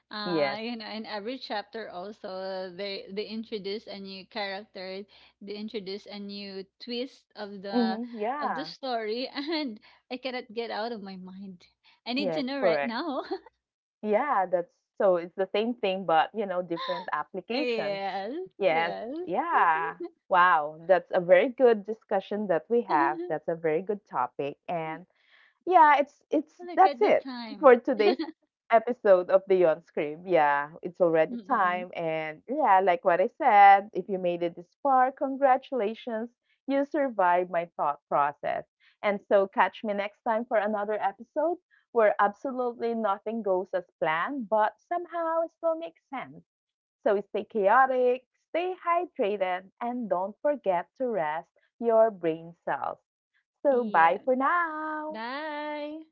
Speaker 2: Uh,
Speaker 1: Yes.
Speaker 2: you know, in every chapter also they they introduce a new character, they introduce a new twist of the
Speaker 1: Hmm.
Speaker 2: of the
Speaker 1: Yeah.
Speaker 2: story, *laughs* and I cannot get out of my mind. I need to
Speaker 1: Yes,
Speaker 2: know right
Speaker 1: correct.
Speaker 2: now.
Speaker 1: Yeah, that's, so it's the same thing, but you know, different
Speaker 2: *laughs*
Speaker 1: applications.
Speaker 2: yes,
Speaker 1: Yes.
Speaker 2: yes. *laughs*
Speaker 1: Yeah. Wow. That's a very good discussion that we have. That's a very good topic. And yeah, it's it's
Speaker 2: Look at
Speaker 1: that's
Speaker 2: the
Speaker 1: it for
Speaker 2: time.
Speaker 1: today's episode of Beyond Scream. Yeah, it's already
Speaker 2: Mm-mm.
Speaker 1: time and yeah, like what I said, if you made it this far, congratulations. You survived my thought process. And so catch me next time for another episode where absolutely nothing goes as planned, but somehow it still makes sense. So stay chaotic, stay hydrated, and don't forget to rest your brain cells. So
Speaker 2: Yeah.
Speaker 1: bye for now.
Speaker 2: Bye.